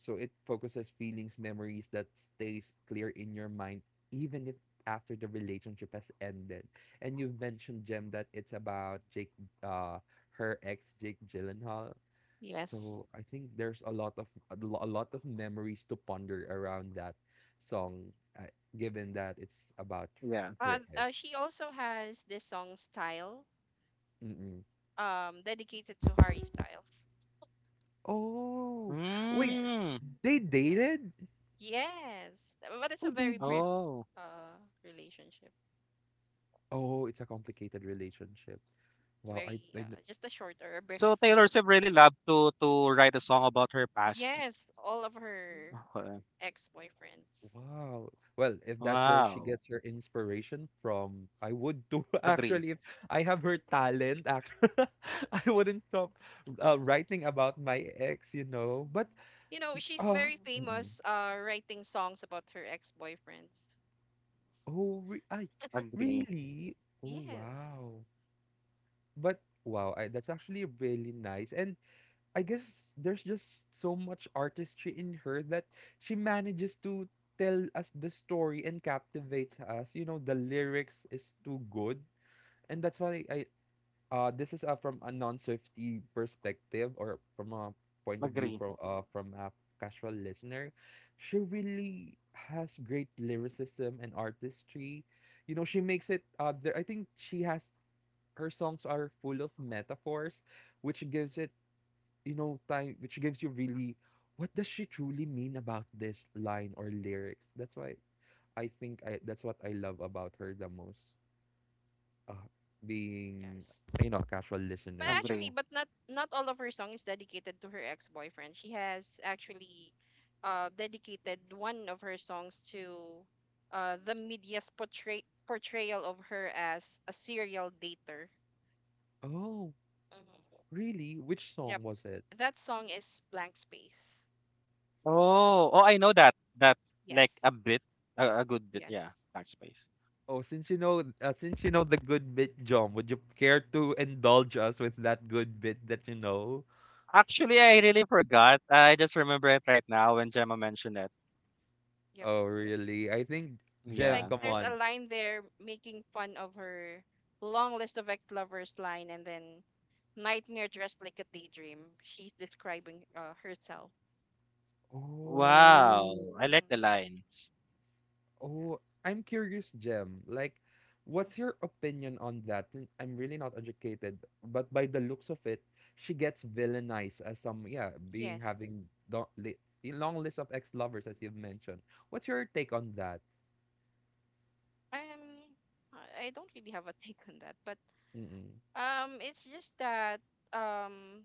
[SPEAKER 1] So it focuses feelings, memories that stays clear in your mind even if after the relationship has ended. And you mentioned, Jem, that it's about Jake, uh her ex, Jake Gyllenhaal.
[SPEAKER 2] Yes.
[SPEAKER 1] So I think there's a lot of memories to ponder around that song, uh, given that it's about
[SPEAKER 3] Yeah.
[SPEAKER 1] her ex.
[SPEAKER 2] She also has this song Style,
[SPEAKER 1] Mm-mm.
[SPEAKER 2] dedicated to Harry Styles.
[SPEAKER 1] Oh, wait,
[SPEAKER 2] Yes.
[SPEAKER 3] Mm.
[SPEAKER 1] they
[SPEAKER 2] Like,
[SPEAKER 1] dated?
[SPEAKER 2] yes. But it's
[SPEAKER 1] Oh,
[SPEAKER 2] a
[SPEAKER 1] they
[SPEAKER 2] very
[SPEAKER 1] did.
[SPEAKER 2] brief,
[SPEAKER 3] Oh.
[SPEAKER 2] uh, relationship.
[SPEAKER 1] Oh, it's a complicated relationship.
[SPEAKER 2] It's
[SPEAKER 1] Wow, I,
[SPEAKER 2] very just a short or a brief,
[SPEAKER 3] So Taylor
[SPEAKER 2] brief
[SPEAKER 3] Swift
[SPEAKER 2] one.
[SPEAKER 3] really loved to write a song about her past.
[SPEAKER 2] Yes, all of her
[SPEAKER 3] Okay.
[SPEAKER 2] ex-boyfriends.
[SPEAKER 1] wow. Well, if that's where she
[SPEAKER 3] Wow.
[SPEAKER 1] gets her inspiration from, I would too.
[SPEAKER 3] Agree.
[SPEAKER 1] Actually, if I have her talent, actually, I wouldn't stop writing about my ex, you know. But
[SPEAKER 2] You know, she's
[SPEAKER 1] Ah,
[SPEAKER 2] very
[SPEAKER 1] mm.
[SPEAKER 2] famous, writing songs about her ex-boyfriends.
[SPEAKER 1] Oh, re ay,
[SPEAKER 3] Agree.
[SPEAKER 1] really? Oh,
[SPEAKER 2] Yes.
[SPEAKER 1] wow. But wow, I, that's actually really nice. And I guess there's just so much artistry in her that she manages to tell us the story and captivate us. You know, the lyrics is too good. And that's why I, uh, this is from a non-safety perspective, or from a point of view
[SPEAKER 3] Agree.
[SPEAKER 1] from a casual listener. She really has great lyricism and artistry. You know, she makes it there. I think she has, her songs are full of metaphors, which gives it, you know, time, which gives you really what does she truly mean about this line or lyrics. That's why I think I that's what I love about her the most. Uh, being,
[SPEAKER 2] Yes.
[SPEAKER 1] you know, a casual
[SPEAKER 2] But
[SPEAKER 1] listener.
[SPEAKER 3] Agree.
[SPEAKER 2] actually, but not all of her song is dedicated to her ex-boyfriend. She has actually dedicated one of her songs to the media's portrayal of her as a serial dater.
[SPEAKER 1] Oh,
[SPEAKER 2] Mhm.
[SPEAKER 1] really? Which
[SPEAKER 2] Yep.
[SPEAKER 1] song was it?
[SPEAKER 2] That song is Blank Space.
[SPEAKER 3] Oh. Oh, I know that. That like
[SPEAKER 2] Yes.
[SPEAKER 3] a bit, a good bit. Yeah.
[SPEAKER 2] Yes.
[SPEAKER 3] Backspace.
[SPEAKER 1] Oh, since you know the good bit, John, would you care to indulge us with that good bit that you know?
[SPEAKER 3] Actually, I really forgot. I just remember it right now when Gemma mentioned it.
[SPEAKER 2] Yep.
[SPEAKER 1] Oh, really? I think,
[SPEAKER 2] Like
[SPEAKER 1] Jem,
[SPEAKER 3] Yeah.
[SPEAKER 1] come
[SPEAKER 2] there's a
[SPEAKER 1] on.
[SPEAKER 2] line there making fun of her long list of ex lovers line and then nightmare dressed like a daydream. She's describing herself.
[SPEAKER 1] Oh,
[SPEAKER 3] Wow. I like the line.
[SPEAKER 2] Yeah.
[SPEAKER 1] oh, I'm curious, Jem. Like,
[SPEAKER 2] Mhm.
[SPEAKER 1] what's your opinion on that? Since I'm really not educated, but by the looks of it, she gets villainized as some, yeah, being
[SPEAKER 2] Yes.
[SPEAKER 1] having the li, a long list of ex-lovers, as you've mentioned. What's your take on that?
[SPEAKER 2] Um, I don't really have a take on that, but
[SPEAKER 1] Mm-mm.
[SPEAKER 2] it's just that um,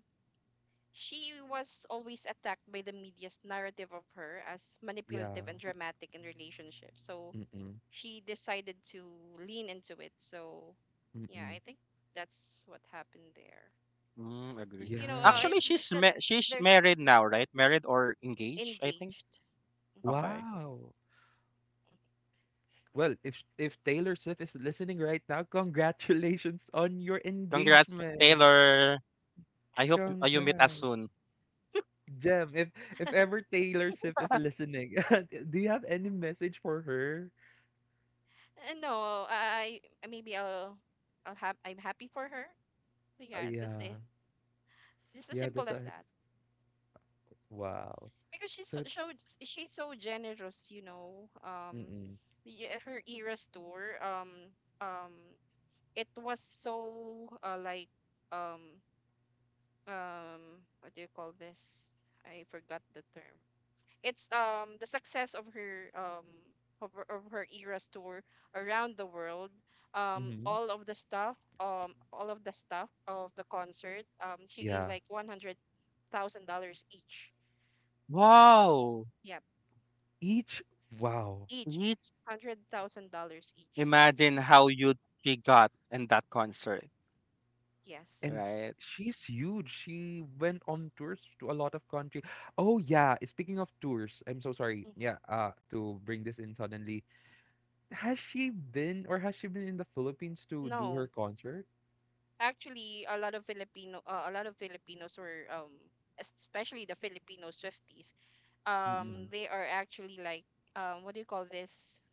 [SPEAKER 2] she was always attacked by the media's narrative of her as
[SPEAKER 1] Yeah.
[SPEAKER 2] manipulative and dramatic in relationships. So
[SPEAKER 1] Mm-mm.
[SPEAKER 2] she decided to lean into it. So yeah,
[SPEAKER 1] Mm-mm.
[SPEAKER 2] I think that's what happened there.
[SPEAKER 3] Mm, agree.
[SPEAKER 2] You know,
[SPEAKER 1] Yeah.
[SPEAKER 3] Actually,
[SPEAKER 2] it's just that
[SPEAKER 3] she's
[SPEAKER 2] there's
[SPEAKER 3] married now, right? Married or engaged, I think.
[SPEAKER 2] engaged. hmm
[SPEAKER 3] Okay.
[SPEAKER 1] Wow. Well, if sh- if Taylor Swift is listening right now, congratulations on your
[SPEAKER 3] Congrats,
[SPEAKER 1] engagement.
[SPEAKER 3] Taylor.
[SPEAKER 2] I,
[SPEAKER 3] I hope you you meet us
[SPEAKER 1] Congrats.
[SPEAKER 3] soon.
[SPEAKER 1] Gem, if ever Taylor Swift is listening, do you have any message for her?
[SPEAKER 2] no, I- maybe I'll have I'm happy for her. So yeah, that's
[SPEAKER 1] Yeah.
[SPEAKER 2] it. Just as
[SPEAKER 1] Yeah,
[SPEAKER 2] simple
[SPEAKER 1] that's
[SPEAKER 2] as
[SPEAKER 1] a
[SPEAKER 2] that.
[SPEAKER 1] wow.
[SPEAKER 2] Because
[SPEAKER 1] So
[SPEAKER 2] she's so generous, you know.
[SPEAKER 1] mm-mm.
[SPEAKER 2] The, her era store. Um, it was so like um um what do you call this? I forgot the term. It's the success of her of her Eras tour around the world.
[SPEAKER 1] Mm-hmm.
[SPEAKER 2] All of the stuff. All of the stuff of the concert. She gave
[SPEAKER 1] Yeah.
[SPEAKER 2] like $100,000 each.
[SPEAKER 3] Wow.
[SPEAKER 2] Yep.
[SPEAKER 1] Each wow.
[SPEAKER 2] Each
[SPEAKER 3] Eat.
[SPEAKER 2] $100,000 each.
[SPEAKER 3] Imagine how you she got in that concert,
[SPEAKER 2] Yes.
[SPEAKER 1] And
[SPEAKER 3] right?
[SPEAKER 1] she's huge. She went on tours to a lot of country. Oh yeah, speaking of tours, I'm so sorry.
[SPEAKER 2] Mm-hmm.
[SPEAKER 1] Yeah, to bring this in suddenly, has she been, or has she been in the Philippines to do her
[SPEAKER 2] No,
[SPEAKER 1] concert?
[SPEAKER 2] actually, a lot of Filipino, a lot of Filipinos were, especially the Filipino Swifties,
[SPEAKER 1] Mm-mm.
[SPEAKER 2] they are actually like, what do you call this?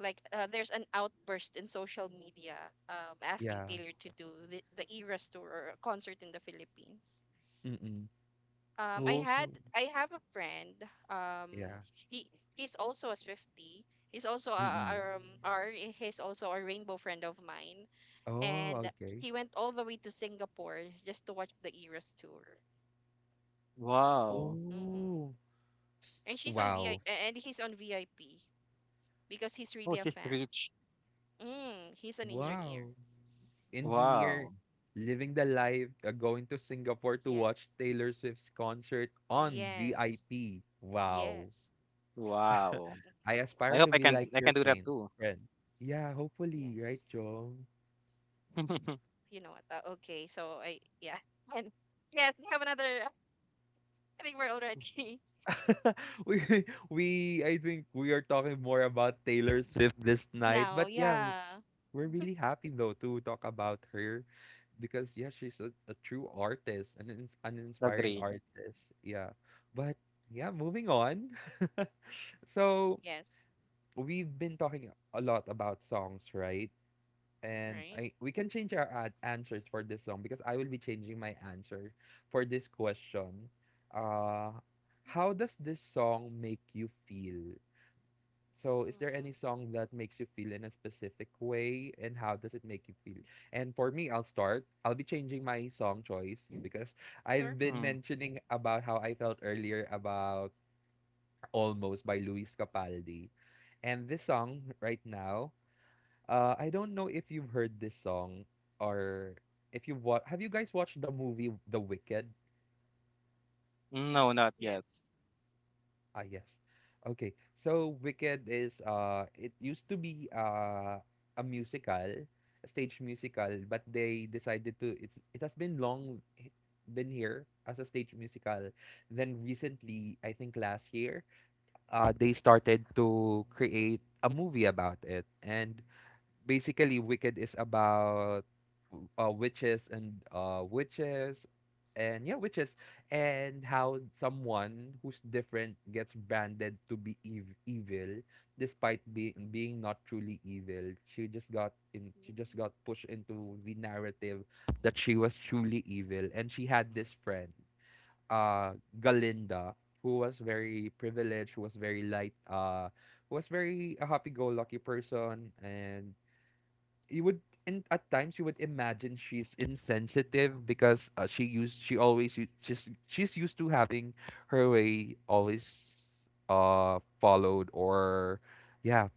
[SPEAKER 2] Like, there's an outburst in social media, asking
[SPEAKER 1] Yeah.
[SPEAKER 2] Taylor to do the Eras tour or a concert in the Philippines.
[SPEAKER 1] Mm-mm.
[SPEAKER 2] Um, I
[SPEAKER 1] Oh,
[SPEAKER 2] had
[SPEAKER 1] so
[SPEAKER 2] I have a friend. Um,
[SPEAKER 1] yeah.
[SPEAKER 2] he he's also a Swifty. He's also
[SPEAKER 1] Mm-mm.
[SPEAKER 2] a- our he's also a rainbow friend of mine,
[SPEAKER 1] Oh,
[SPEAKER 2] and
[SPEAKER 1] okay.
[SPEAKER 2] he went all the way to Singapore just to watch the Eras tour.
[SPEAKER 3] Wow.
[SPEAKER 2] Mm-hmm.
[SPEAKER 1] Oh, s-
[SPEAKER 2] And she's on VI
[SPEAKER 1] wow.
[SPEAKER 2] and he's on VIP because he's
[SPEAKER 3] Oh,
[SPEAKER 2] really a
[SPEAKER 3] she's
[SPEAKER 2] fan.
[SPEAKER 3] rich.
[SPEAKER 2] Mm, he's an engineer.
[SPEAKER 1] Wow. Engineer
[SPEAKER 3] Wow.
[SPEAKER 2] Mm-hmm.
[SPEAKER 1] living the life, going to Singapore to watch
[SPEAKER 2] Yes,
[SPEAKER 1] Taylor Swift's concert on
[SPEAKER 2] yes,
[SPEAKER 1] VIP. Wow.
[SPEAKER 2] yes.
[SPEAKER 3] Wow.
[SPEAKER 2] Mhm.
[SPEAKER 1] I
[SPEAKER 3] I
[SPEAKER 1] aspire
[SPEAKER 3] hope
[SPEAKER 1] to be like
[SPEAKER 3] I
[SPEAKER 1] your
[SPEAKER 3] can do that
[SPEAKER 1] friend.
[SPEAKER 3] too.
[SPEAKER 1] Friend. Yeah, hopefully, right,
[SPEAKER 2] Yes.
[SPEAKER 1] Jong?
[SPEAKER 2] You know what? Okay, so I yeah. And yes, we have another. I think we're already
[SPEAKER 1] we we I think we are talking more about Taylor Swift this night.
[SPEAKER 2] now.
[SPEAKER 1] But yeah,
[SPEAKER 2] Yeah.
[SPEAKER 1] we're really happy though to talk about her because yeah she's a true artist an
[SPEAKER 3] The
[SPEAKER 1] inspiring
[SPEAKER 3] Gray.
[SPEAKER 1] artist, yeah, but yeah, moving on. So
[SPEAKER 2] Yes.
[SPEAKER 1] we've been talking a lot about songs, right? And
[SPEAKER 2] Right.
[SPEAKER 1] we can change our answers for this song because I will be changing my answer for this question. Uh, how does this song make you feel? So, is there
[SPEAKER 2] Mm.
[SPEAKER 1] any song that makes you feel in a specific way, and how does it make you feel? And for me, I'll start. I'll be changing my song choice because
[SPEAKER 2] Sure.
[SPEAKER 1] I've been
[SPEAKER 3] Hmm.
[SPEAKER 1] mentioning about how I felt earlier about Almost by Luis Capaldi. And this song right now, I don't know if you've heard this song or if you've watched. Have you guys watched the movie The Wicked?
[SPEAKER 3] No, not yet.
[SPEAKER 2] Yes.
[SPEAKER 1] Ah, yes. Okay. So Wicked is it used to be a musical, a stage musical, but they decided to it has been long been here as a stage musical. Then recently, I think last year, they started to create a movie about it. And basically Wicked is about witches and witches and yeah witches and how someone who's different gets branded to be evil, despite being not truly evil. She just got in she just got pushed into the narrative that she was truly evil, and she had this friend, uh Galinda, who was very privileged, who was very light, who was very a happy-go-lucky person. And you would at times you would imagine she's insensitive because she used she's used to having her way always followed, or yeah,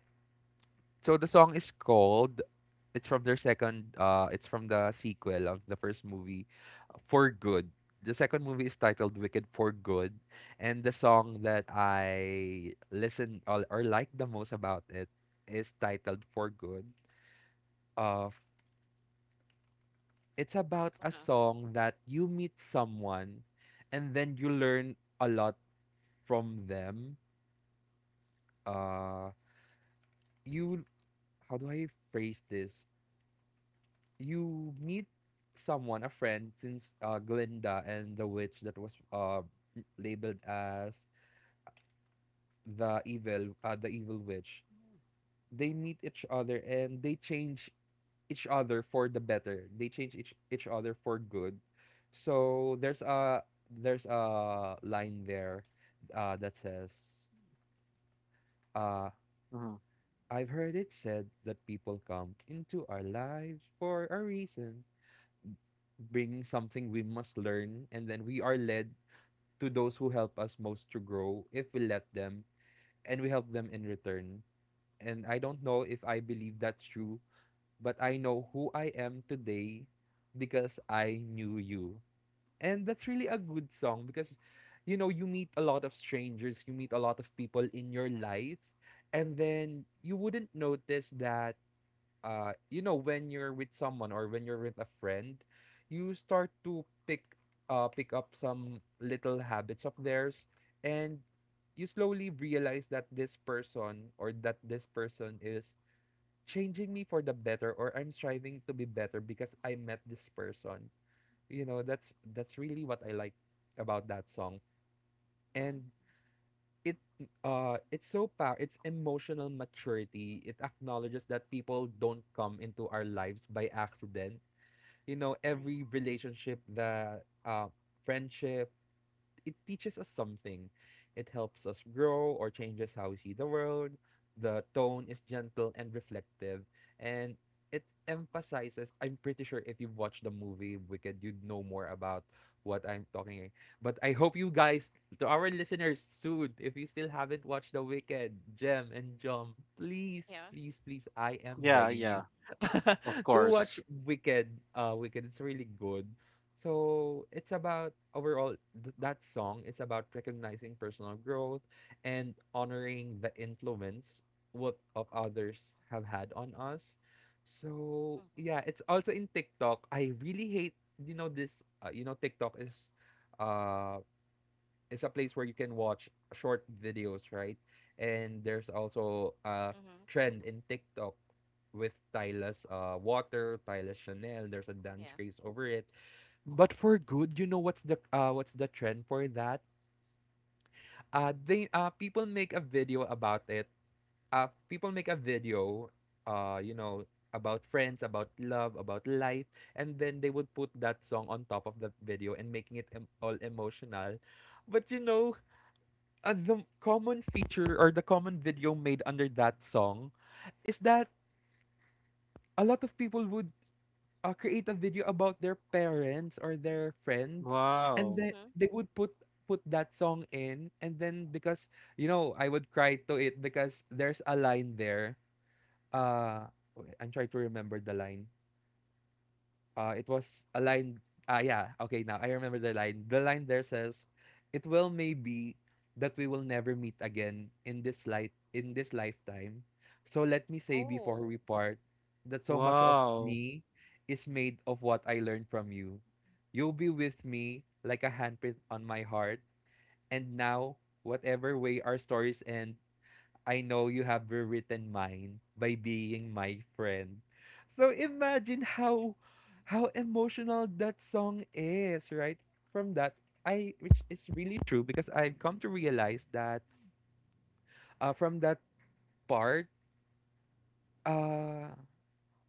[SPEAKER 1] so the song is called it's from their second it's from the sequel of the first movie. For good, the second movie is titled Wicked for Good, and the song that I listen or like the most about it is titled For Good. uh It's about a
[SPEAKER 2] Uh-huh.
[SPEAKER 1] song that you meet someone and then you learn a lot from them. Uh you how do I phrase this? You meet someone, a friend, since Glinda and the witch that was labeled as the evil, the evil witch. They meet each other and they change each other for the better. They change each other for good. So there's a line there, that says, uh,
[SPEAKER 3] Mhm.
[SPEAKER 1] "I've heard it said that people come into our lives for a reason, bringing something we must learn, and then we are led to those who help us most to grow if we let them, and we help them in return." And I don't know if I believe that's true, but I know who I am today because I knew you. And that's really a good song because, you know, you meet a lot of strangers, you meet a lot of people in your life, and then you wouldn't notice that, you know, when you're with someone or when you're with a friend, you start to pick up some little habits of theirs, and you slowly realize that this person is changing me for the better, or I'm striving to be better because I met this person. You know, that's really what I like about that song. And
[SPEAKER 2] Hmm.
[SPEAKER 1] it it's so power, it's emotional maturity. It acknowledges that people don't come into our lives by accident. You know,
[SPEAKER 2] Right.
[SPEAKER 1] every relationship, that friendship, it teaches us something. It helps us grow or changes how we see the world. The tone is gentle and reflective, and it emphasizes. I'm pretty sure if you've watched the movie Wicked, you'd know more about what I'm talking. But I hope you guys, to our listeners, soon, if you still haven't watched The Wicked, Gem and Jom, please,
[SPEAKER 2] Yeah.
[SPEAKER 1] please, please, I am
[SPEAKER 3] Yeah,
[SPEAKER 1] begging you
[SPEAKER 3] yeah. Of
[SPEAKER 1] to watch
[SPEAKER 3] course.
[SPEAKER 1] Wicked. Wicked, it's really good. So it's about overall that song is about recognizing personal growth and honoring the influence what of others have had on us. So
[SPEAKER 2] Mm-hmm.
[SPEAKER 1] yeah, it's also in TikTok. I really hate you know this you know TikTok uh is a place where you can watch short videos, right? And there's also a
[SPEAKER 2] Mm-hmm.
[SPEAKER 1] trend in TikTok with Tyla's water, Tyla's Chanel, there's a dance
[SPEAKER 2] Yeah.
[SPEAKER 1] craze over it. But for good, you know what's the trend for that? They people make a video about it. People make a video, you know, about friends, about love, about life, and then they would put that song on top of the video and making it all emotional. But you know, the common feature or the common video made under that song is that a lot of people would, create a video about their parents or their friends, and
[SPEAKER 3] Wow.
[SPEAKER 1] then
[SPEAKER 2] Mm-hmm.
[SPEAKER 1] they would put that song in, and then because you know I would cry to it because there's a line there, uh wait, I'm trying to remember the line. It was a line. Ah, yeah. Okay, now I remember the line. The line there says, "It will may be that we will never meet again in this light in this lifetime. So let me say before
[SPEAKER 2] Oh.
[SPEAKER 1] we part that so much of
[SPEAKER 3] Wow.
[SPEAKER 1] me is made of what I learned from you. You'll be with me like a handprint on my heart. And now, whatever way our stories end, I know you have rewritten mine by being my friend." So imagine how emotional that song is, right? From that I which is really true, because I've come to realize that from that part, uh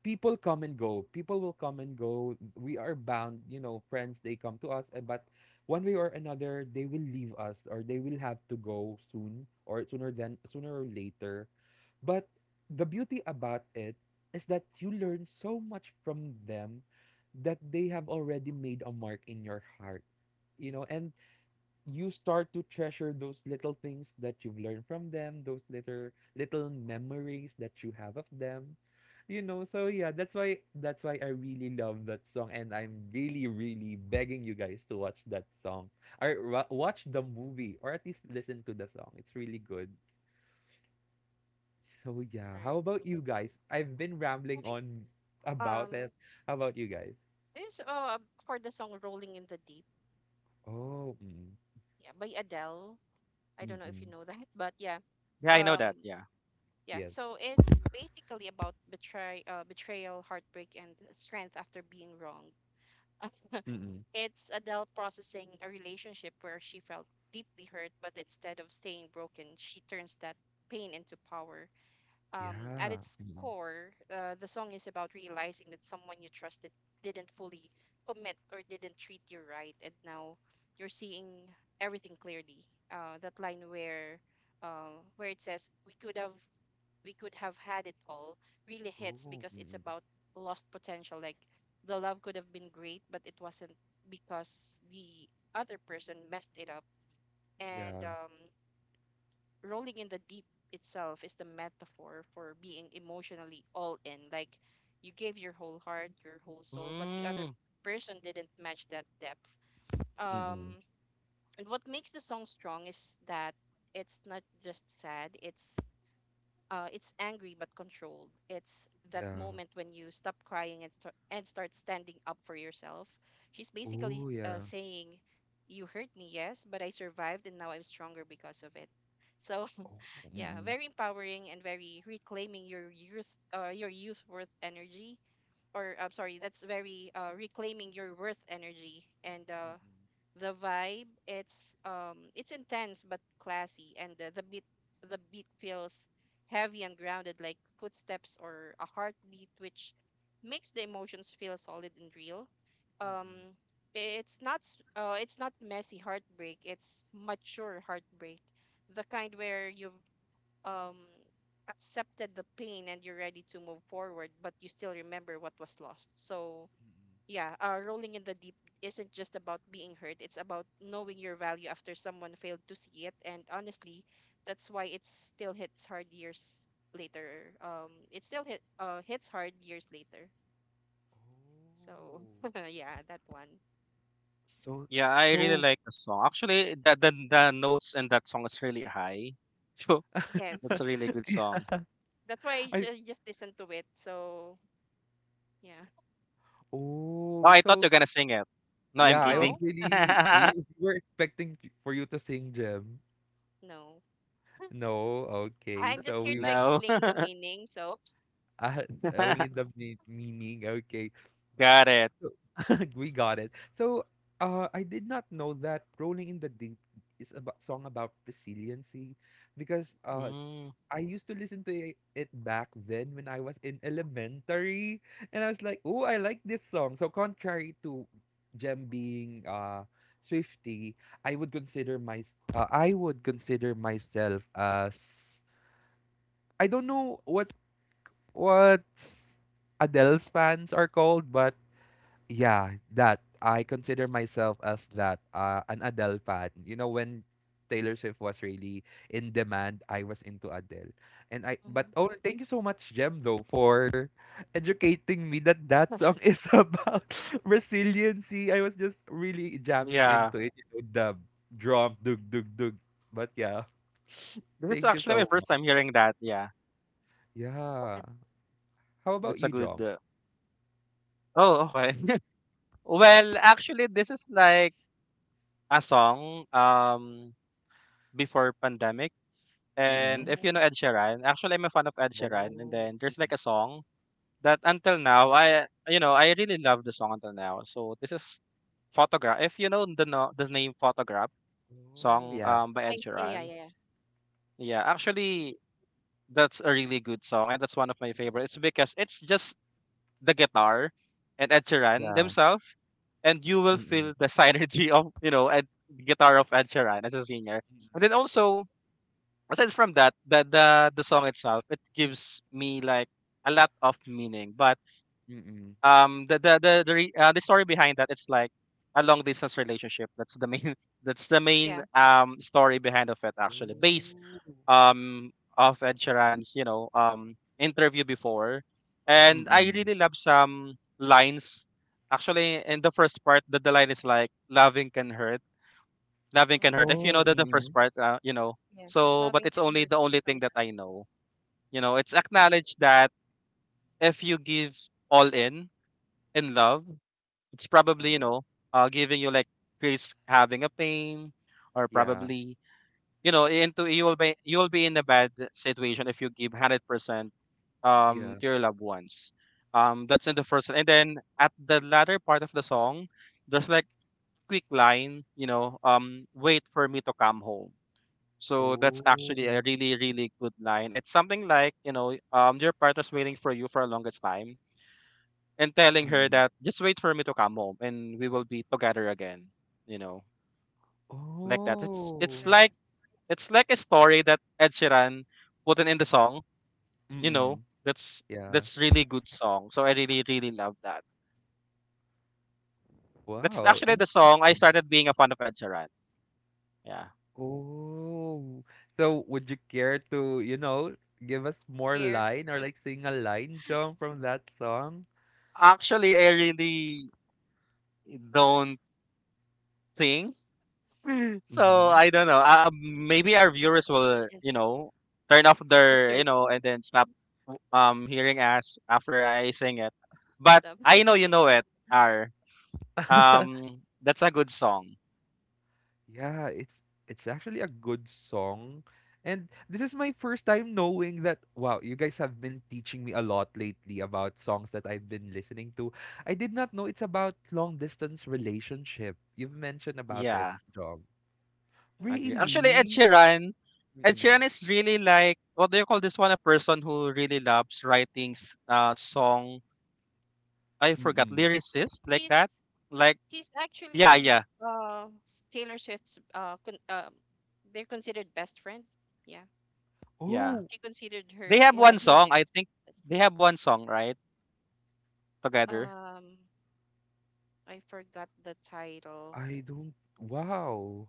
[SPEAKER 1] people come and go. People will come and go. We are bound, you know, friends, they come to us, eh, but one way or another, they will leave us, or they will have to go soon or sooner than sooner or later. But the beauty about it is that you learn so much from them, that they have already made a mark in your heart, you know, and you start to treasure those little things that you've learned from them, those little memories that you have of them. You know, so yeah, that's why I really love that song, and I'm really really begging you guys to watch that song or watch the movie, or at least listen to the song. It's really good. So yeah, how
[SPEAKER 2] Right.
[SPEAKER 1] about
[SPEAKER 2] Mm-hmm.
[SPEAKER 1] you guys? I've been
[SPEAKER 2] I
[SPEAKER 1] rambling
[SPEAKER 2] think
[SPEAKER 1] on about
[SPEAKER 2] um
[SPEAKER 1] it. How about you guys?
[SPEAKER 2] this for the song "Rolling in the Deep,"
[SPEAKER 1] Oh, mm,
[SPEAKER 2] yeah, by Adele. I don't
[SPEAKER 1] mm,
[SPEAKER 2] know if
[SPEAKER 1] mm,
[SPEAKER 2] you know that, but yeah.
[SPEAKER 3] Yeah, I know that.
[SPEAKER 2] Um.
[SPEAKER 3] Yeah.
[SPEAKER 2] Yeah.
[SPEAKER 1] yes.
[SPEAKER 2] So it's basically about betrayal, heartbreak, and strength after being wronged.
[SPEAKER 1] Mm, mm,
[SPEAKER 2] It's Adele processing a relationship where she felt deeply hurt, but instead of staying broken, she turns that pain into power. At
[SPEAKER 1] yeah.
[SPEAKER 2] its
[SPEAKER 1] Mm, mm.
[SPEAKER 2] core, the song is about realizing that someone you trusted didn't fully commit or didn't treat you right, and now you're seeing everything clearly. That line where it says we could have had it all really hits
[SPEAKER 1] Oh.
[SPEAKER 2] because
[SPEAKER 1] Mm,
[SPEAKER 2] it's
[SPEAKER 1] mm.
[SPEAKER 2] about lost potential. Like the love could have been great, but it wasn't because the other person messed it up. And
[SPEAKER 1] Yeah,
[SPEAKER 2] rolling in the deep itself is the metaphor for being emotionally all in. Like you gave your whole heart, your whole soul, but the other
[SPEAKER 3] Mm.
[SPEAKER 2] person didn't match that depth.
[SPEAKER 1] mm,
[SPEAKER 2] Um, and what makes the song strong is that it's not just sad, it's angry but controlled. It's that
[SPEAKER 1] yeah.
[SPEAKER 2] moment when you stop crying and start standing up for yourself. She's basically
[SPEAKER 1] Oh, yeah.
[SPEAKER 2] saying, "You hurt me, yes, but I survived, and now I'm stronger because of it." So
[SPEAKER 1] Oh, mm,
[SPEAKER 2] yeah,
[SPEAKER 1] mm,
[SPEAKER 2] very empowering and very reclaiming your youth, worth energy. Or I'm sorry, that's very reclaiming your worth energy and the vibe, it's intense but classy and the beat feels heavy and grounded like footsteps or a heartbeat which makes the emotions feel solid and real.
[SPEAKER 1] mm, mm.
[SPEAKER 2] Um it's not messy heartbreak, it's mature heartbreak. The kind where you've um accepted the pain and you're ready to move forward but you still remember what was lost. So yeah, rolling in the deep isn't just about being hurt. It's about knowing your value after someone failed to see it. And honestly, that's why it still hits hard years later. It still hit hits hard years later. So
[SPEAKER 1] Oh.
[SPEAKER 2] yeah, that one.
[SPEAKER 1] So,
[SPEAKER 3] Yeah, I really
[SPEAKER 1] so
[SPEAKER 3] like the song. Actually, the notes in that song is really high. So
[SPEAKER 2] Yes,
[SPEAKER 3] that's a really good song.
[SPEAKER 2] that's why I
[SPEAKER 1] I
[SPEAKER 2] just listen to it. So yeah,
[SPEAKER 3] Oh,
[SPEAKER 1] oh,
[SPEAKER 3] I thought
[SPEAKER 1] so
[SPEAKER 3] you're gonna sing it. No, I'm
[SPEAKER 1] yeah, I was
[SPEAKER 3] kidding.
[SPEAKER 2] no,
[SPEAKER 1] really we were expecting for you to sing, Gem.
[SPEAKER 2] no.
[SPEAKER 1] No, okay.
[SPEAKER 2] I'm just
[SPEAKER 1] So
[SPEAKER 2] here
[SPEAKER 1] we
[SPEAKER 2] to
[SPEAKER 3] no.
[SPEAKER 2] explain the meaning. So.
[SPEAKER 1] I I only the meaning. Okay.
[SPEAKER 3] Got it.
[SPEAKER 1] So, we got it. So, I did not know that Rolling in the Deep is about song about resiliency, because
[SPEAKER 3] Mm.
[SPEAKER 1] I used to listen to it back then when I was in elementary, and I was like, "Oh, I like this song." So, contrary to Jem being Swiftie, I would consider my I would consider myself as I don't know what Adele's fans are called, but yeah, that. I consider myself as that, an Adele fan. You know, when Taylor Swift was really in demand, I was into Adele. And I but
[SPEAKER 2] Mhm.
[SPEAKER 1] oh, thank you so much, Jem, though, for educating me that that song is about resiliency. I was just really jamming
[SPEAKER 3] Yeah.
[SPEAKER 1] into it, you know, the drum, dug, dug, dug. But yeah,
[SPEAKER 3] This is
[SPEAKER 1] thank you
[SPEAKER 3] actually my
[SPEAKER 1] so
[SPEAKER 3] first time
[SPEAKER 1] much.
[SPEAKER 3] hearing that. Yeah.
[SPEAKER 1] Yeah. How about
[SPEAKER 3] That's a
[SPEAKER 1] you,
[SPEAKER 3] good
[SPEAKER 1] Jom?
[SPEAKER 3] oh, okay. Well, actually, this is like a song before pandemic. And
[SPEAKER 1] Mm-mm.
[SPEAKER 3] if you
[SPEAKER 2] Mhm.
[SPEAKER 3] know Ed Sheeran, actually I'm a fan of Ed
[SPEAKER 1] Oh,
[SPEAKER 3] Sheeran. And then there's like
[SPEAKER 1] mm-mm.
[SPEAKER 3] a song that until now I you know I really love the song until now. So this is Photograph. If you know the no, the name Photograph
[SPEAKER 1] Oh,
[SPEAKER 3] song
[SPEAKER 1] yeah.
[SPEAKER 3] by
[SPEAKER 2] I
[SPEAKER 3] Ed
[SPEAKER 2] see. Yeah,
[SPEAKER 3] Sheeran,
[SPEAKER 2] yeah, yeah.
[SPEAKER 3] yeah, actually that's a really good song and that's one of my
[SPEAKER 1] Mm-mm.
[SPEAKER 3] favorites because it's just the guitar and Ed Sheeran
[SPEAKER 1] Yeah.
[SPEAKER 3] themselves, and you will
[SPEAKER 1] Mm.
[SPEAKER 3] feel the synergy of, you know, Ed, guitar of Ed Sheeran as a singer. And then also aside from that, the song itself, it gives me like a lot of meaning. But
[SPEAKER 1] Mm, mm.
[SPEAKER 3] the story behind that, it's like a long distance relationship. That's the main that's the main story behind of it actually, based
[SPEAKER 1] Oh.
[SPEAKER 3] um of Ed Sheeran's, you know, interview before, and I
[SPEAKER 1] Mm.
[SPEAKER 3] really love some lines. Actually, in the first part, the line is like "loving can hurt, loving
[SPEAKER 2] Yeah.
[SPEAKER 3] can hurt." If you know
[SPEAKER 1] Oh.
[SPEAKER 3] the first
[SPEAKER 1] Mm.
[SPEAKER 3] part, you know
[SPEAKER 2] Yes,
[SPEAKER 3] so, but
[SPEAKER 2] loving
[SPEAKER 3] it's
[SPEAKER 2] can
[SPEAKER 3] only
[SPEAKER 2] hurt
[SPEAKER 3] the only thing
[SPEAKER 2] sometimes.
[SPEAKER 3] that I know. You know, it's acknowledged that if you give all in love, it's probably, you
[SPEAKER 2] Mm-hmm.
[SPEAKER 3] know, giving you like Chris having a pain or
[SPEAKER 1] Yeah,
[SPEAKER 3] probably, you know, into you will be in a bad situation if you give 100%
[SPEAKER 1] yeah.
[SPEAKER 3] to your loved ones. That's in the first one. And then at the latter part of the song, there's like quick line, you know, wait for me to come home. So that's actually a
[SPEAKER 1] Oh.
[SPEAKER 3] really, really good line. It's something like, your partner's waiting for you for a longest time, and telling her
[SPEAKER 1] Mm.
[SPEAKER 3] that just wait for me to come home and we will be together again, you know, like that. It's it's
[SPEAKER 1] Oh.
[SPEAKER 3] like
[SPEAKER 2] Right.
[SPEAKER 3] it's like a story that Ed Sheeran put in the song, you know.
[SPEAKER 1] Mm. Yeah.
[SPEAKER 3] That's really good song. So I really, really love that. That's
[SPEAKER 1] Wow,
[SPEAKER 3] actually the song I
[SPEAKER 1] interesting.
[SPEAKER 3] started being a fan of Ed Sheeran. Yeah.
[SPEAKER 1] Oh. So would you care to, you know, give us more
[SPEAKER 2] Here,
[SPEAKER 1] line or like sing a line jump from that song?
[SPEAKER 3] Actually I really don't think. So
[SPEAKER 1] Mm-hmm.
[SPEAKER 3] I don't know. Maybe
[SPEAKER 2] I
[SPEAKER 3] our viewers will, you
[SPEAKER 2] just
[SPEAKER 3] know, turn off their, you
[SPEAKER 2] research
[SPEAKER 3] know, and then stop hearing us after I sing it. But
[SPEAKER 2] stuff.
[SPEAKER 3] I know you know it, R. That's a good song.
[SPEAKER 1] Yeah, it's actually a good song. And this is my first time knowing that wow, you guys have been teaching me a lot lately about songs that I've been listening to. I did not know it's about long distance relationship. You've mentioned about it,
[SPEAKER 3] Yeah,
[SPEAKER 1] John.
[SPEAKER 3] agree.
[SPEAKER 2] Mm-mm.
[SPEAKER 3] Actually, Ed
[SPEAKER 1] Really?
[SPEAKER 3] Sheeran. Ed
[SPEAKER 1] Mm-mm.
[SPEAKER 3] Sheeran is really like, what do you call this one? A person who really loves writing s- song. I forgot,
[SPEAKER 1] Mm-mm.
[SPEAKER 3] lyricist, like that.
[SPEAKER 2] He's
[SPEAKER 3] Like
[SPEAKER 2] he's
[SPEAKER 3] yeah,
[SPEAKER 2] actually
[SPEAKER 3] yeah,
[SPEAKER 2] Taylor Swift's con they're considered best friend. Yeah.
[SPEAKER 3] yeah.
[SPEAKER 1] Oh,
[SPEAKER 2] She considered
[SPEAKER 3] They
[SPEAKER 2] her,
[SPEAKER 3] have
[SPEAKER 2] yeah,
[SPEAKER 3] one song.
[SPEAKER 2] him
[SPEAKER 3] I
[SPEAKER 2] as
[SPEAKER 3] think
[SPEAKER 2] best
[SPEAKER 3] they
[SPEAKER 2] friend.
[SPEAKER 3] have one song right together.
[SPEAKER 2] Um, I forgot the title.
[SPEAKER 1] I don't wow.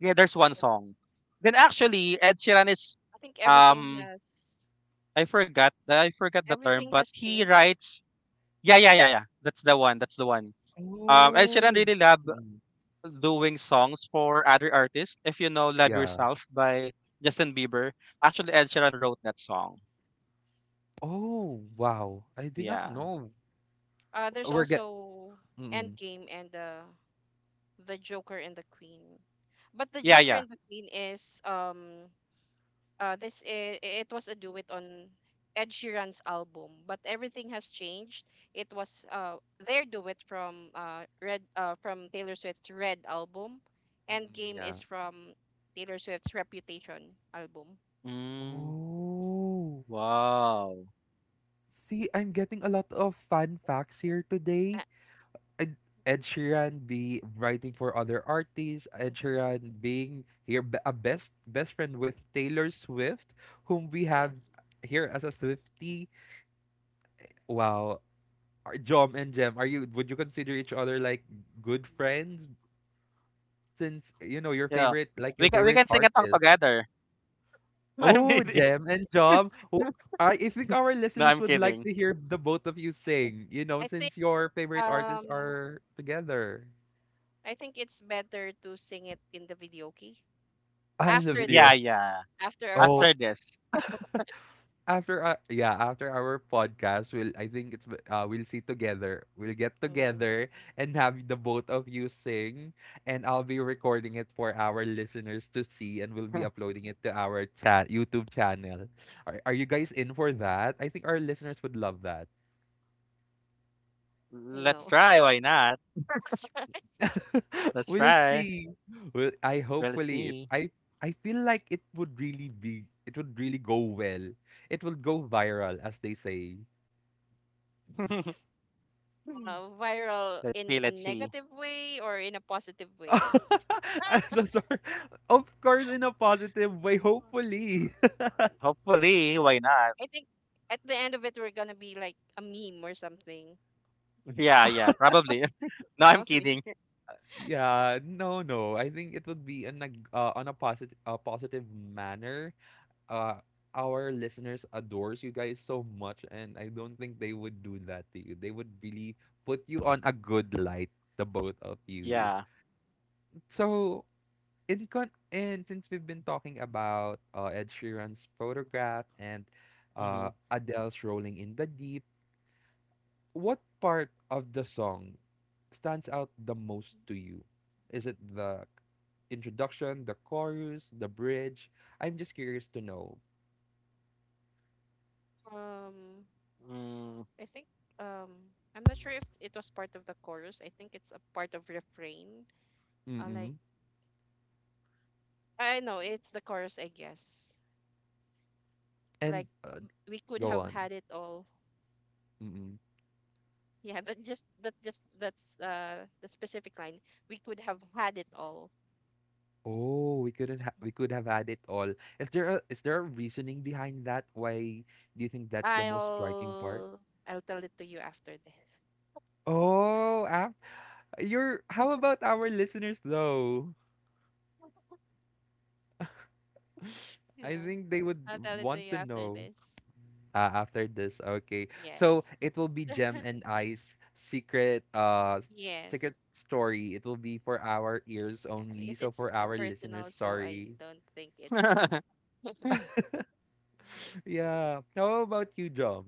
[SPEAKER 3] Yeah, there's one song. Then actually, Ed Sheeran is
[SPEAKER 2] I think
[SPEAKER 3] um I forgot the term,
[SPEAKER 2] everything
[SPEAKER 3] but
[SPEAKER 2] has
[SPEAKER 3] he
[SPEAKER 2] changed.
[SPEAKER 3] writes yeah yeah yeah yeah, that's the one, that's the one. Ed Sheeran
[SPEAKER 1] Oh.
[SPEAKER 3] really love
[SPEAKER 1] Mm-mm.
[SPEAKER 3] doing songs for other artists. If you know "Love
[SPEAKER 1] Yeah.
[SPEAKER 3] Yourself" by Justin Bieber, actually Ed Sheeran wrote that song.
[SPEAKER 1] Oh,
[SPEAKER 2] Mhm.
[SPEAKER 1] wow. I did not
[SPEAKER 3] Yeah
[SPEAKER 1] know.
[SPEAKER 2] Uh, there's
[SPEAKER 1] We're get
[SPEAKER 2] also
[SPEAKER 1] Mm-mm.
[SPEAKER 2] Endgame and the Joker and the Queen. But the
[SPEAKER 3] yeah
[SPEAKER 2] Joker
[SPEAKER 3] yeah.
[SPEAKER 2] and the Queen is this I it was a duet on Ed Sheeran's album, but everything has changed. It was their duet from Red from Taylor Swift's Red album, and
[SPEAKER 1] Mm-mm.
[SPEAKER 2] Game
[SPEAKER 1] Yeah.
[SPEAKER 2] is from Taylor Swift's Reputation album.
[SPEAKER 3] Mm,
[SPEAKER 1] Oh.
[SPEAKER 3] wow.
[SPEAKER 1] See, I'm getting a lot of fun facts here
[SPEAKER 2] Uh,
[SPEAKER 1] today. Ed, Ed Sheeran be writing for other artists. Ed
[SPEAKER 2] mhm.
[SPEAKER 1] Sheeran being a best friend with Taylor Swift, whom we have
[SPEAKER 2] Yes,
[SPEAKER 1] here as a Swiftie. Wow. Jom and Jem, are you would you consider each other like good friends since you know your
[SPEAKER 3] Yeah,
[SPEAKER 1] favorite like your
[SPEAKER 3] we can we
[SPEAKER 1] favorite
[SPEAKER 3] can sing a song
[SPEAKER 1] artist?
[SPEAKER 3] together. I'm
[SPEAKER 1] Oh,
[SPEAKER 3] kidding.
[SPEAKER 1] Jem and Jom. I think our
[SPEAKER 3] No,
[SPEAKER 1] listeners
[SPEAKER 3] I'm
[SPEAKER 1] would like
[SPEAKER 3] kidding.
[SPEAKER 1] to hear the both of you sing, you know,
[SPEAKER 2] I think
[SPEAKER 1] since your favorite artists
[SPEAKER 2] um
[SPEAKER 1] are together
[SPEAKER 2] I think it's better to sing it in the video, okay?
[SPEAKER 1] ah, in the
[SPEAKER 2] After
[SPEAKER 1] video.
[SPEAKER 3] Yeah
[SPEAKER 2] this,
[SPEAKER 3] yeah.
[SPEAKER 2] after our
[SPEAKER 1] Oh,
[SPEAKER 2] pod.
[SPEAKER 3] After this.
[SPEAKER 1] after yeah, after our podcast, we'll I think we'll see together. We'll get
[SPEAKER 2] Mhm.
[SPEAKER 1] together and have the both of you sing, and I'll be recording it for our listeners to see, and we'll be uploading it to our chat YouTube channel. Are you guys in for that? I think our listeners would love that.
[SPEAKER 3] Let's
[SPEAKER 2] No.
[SPEAKER 3] try. Why not?
[SPEAKER 2] That's right.
[SPEAKER 3] Let's
[SPEAKER 1] We'll
[SPEAKER 3] try.
[SPEAKER 1] see. Well, I
[SPEAKER 3] We'll
[SPEAKER 1] hopefully it,
[SPEAKER 3] see.
[SPEAKER 1] I I feel like it would really go well. It will go viral as they say.
[SPEAKER 2] Uh, viral
[SPEAKER 3] Let's see.
[SPEAKER 2] in a
[SPEAKER 3] Let's see.
[SPEAKER 2] negative way or in a positive way.
[SPEAKER 1] I'm so sorry. Of course in a positive way, hopefully.
[SPEAKER 3] Hopefully, why not?
[SPEAKER 2] I think at the end of it, we're gonna be like a meme or something,
[SPEAKER 3] Yeah, yeah, probably. No, I'm
[SPEAKER 2] probably.
[SPEAKER 3] kidding.
[SPEAKER 1] Yeah, no, no. I think it would be in a on a positive positive manner. Uh, our listeners adores you guys so much, and I don't think they would do that to you. They would really put you on a good light, the both of you.
[SPEAKER 3] Yeah.
[SPEAKER 1] So in con and since we've been talking about Ed Sheeran's photograph and
[SPEAKER 3] Hmm.
[SPEAKER 1] Adele's Rolling in the Deep, what part of the song stands out the most to you? Is it the introduction, the chorus, the bridge? I'm just curious to know.
[SPEAKER 2] Um,
[SPEAKER 3] Mm.
[SPEAKER 2] I think I'm not sure if it was part of the chorus. I think it's a part of refrain. Like
[SPEAKER 1] Mm-mm.
[SPEAKER 2] I know it's the chorus, I guess. Like
[SPEAKER 1] And
[SPEAKER 2] we could
[SPEAKER 1] go
[SPEAKER 2] have
[SPEAKER 1] on.
[SPEAKER 2] had it all.
[SPEAKER 1] Mm-mm.
[SPEAKER 2] Yeah, that just that's the specific line. We could have had it all.
[SPEAKER 1] Oh, we couldn't ha we could have had it all. Is there a reasoning behind that? Why do you think that's the most striking part?
[SPEAKER 2] I'll I'll tell it to you after this.
[SPEAKER 1] Oh, you're how about our listeners though? I
[SPEAKER 2] Yeah,
[SPEAKER 1] think they would
[SPEAKER 2] I'll tell it to
[SPEAKER 1] want
[SPEAKER 2] you
[SPEAKER 1] to
[SPEAKER 2] after
[SPEAKER 1] know
[SPEAKER 2] this.
[SPEAKER 1] after this. Okay. So
[SPEAKER 2] Yes,
[SPEAKER 1] it will be Gem and I's secret uh s- secret
[SPEAKER 2] yes,
[SPEAKER 1] story. It will be for our ears
[SPEAKER 2] yeah,
[SPEAKER 1] only,
[SPEAKER 2] because
[SPEAKER 1] so
[SPEAKER 2] it's
[SPEAKER 1] for
[SPEAKER 2] too
[SPEAKER 1] our listeners,
[SPEAKER 2] personal, so I
[SPEAKER 1] sorry.
[SPEAKER 2] don't think it's
[SPEAKER 1] Yeah. How about you, Jom?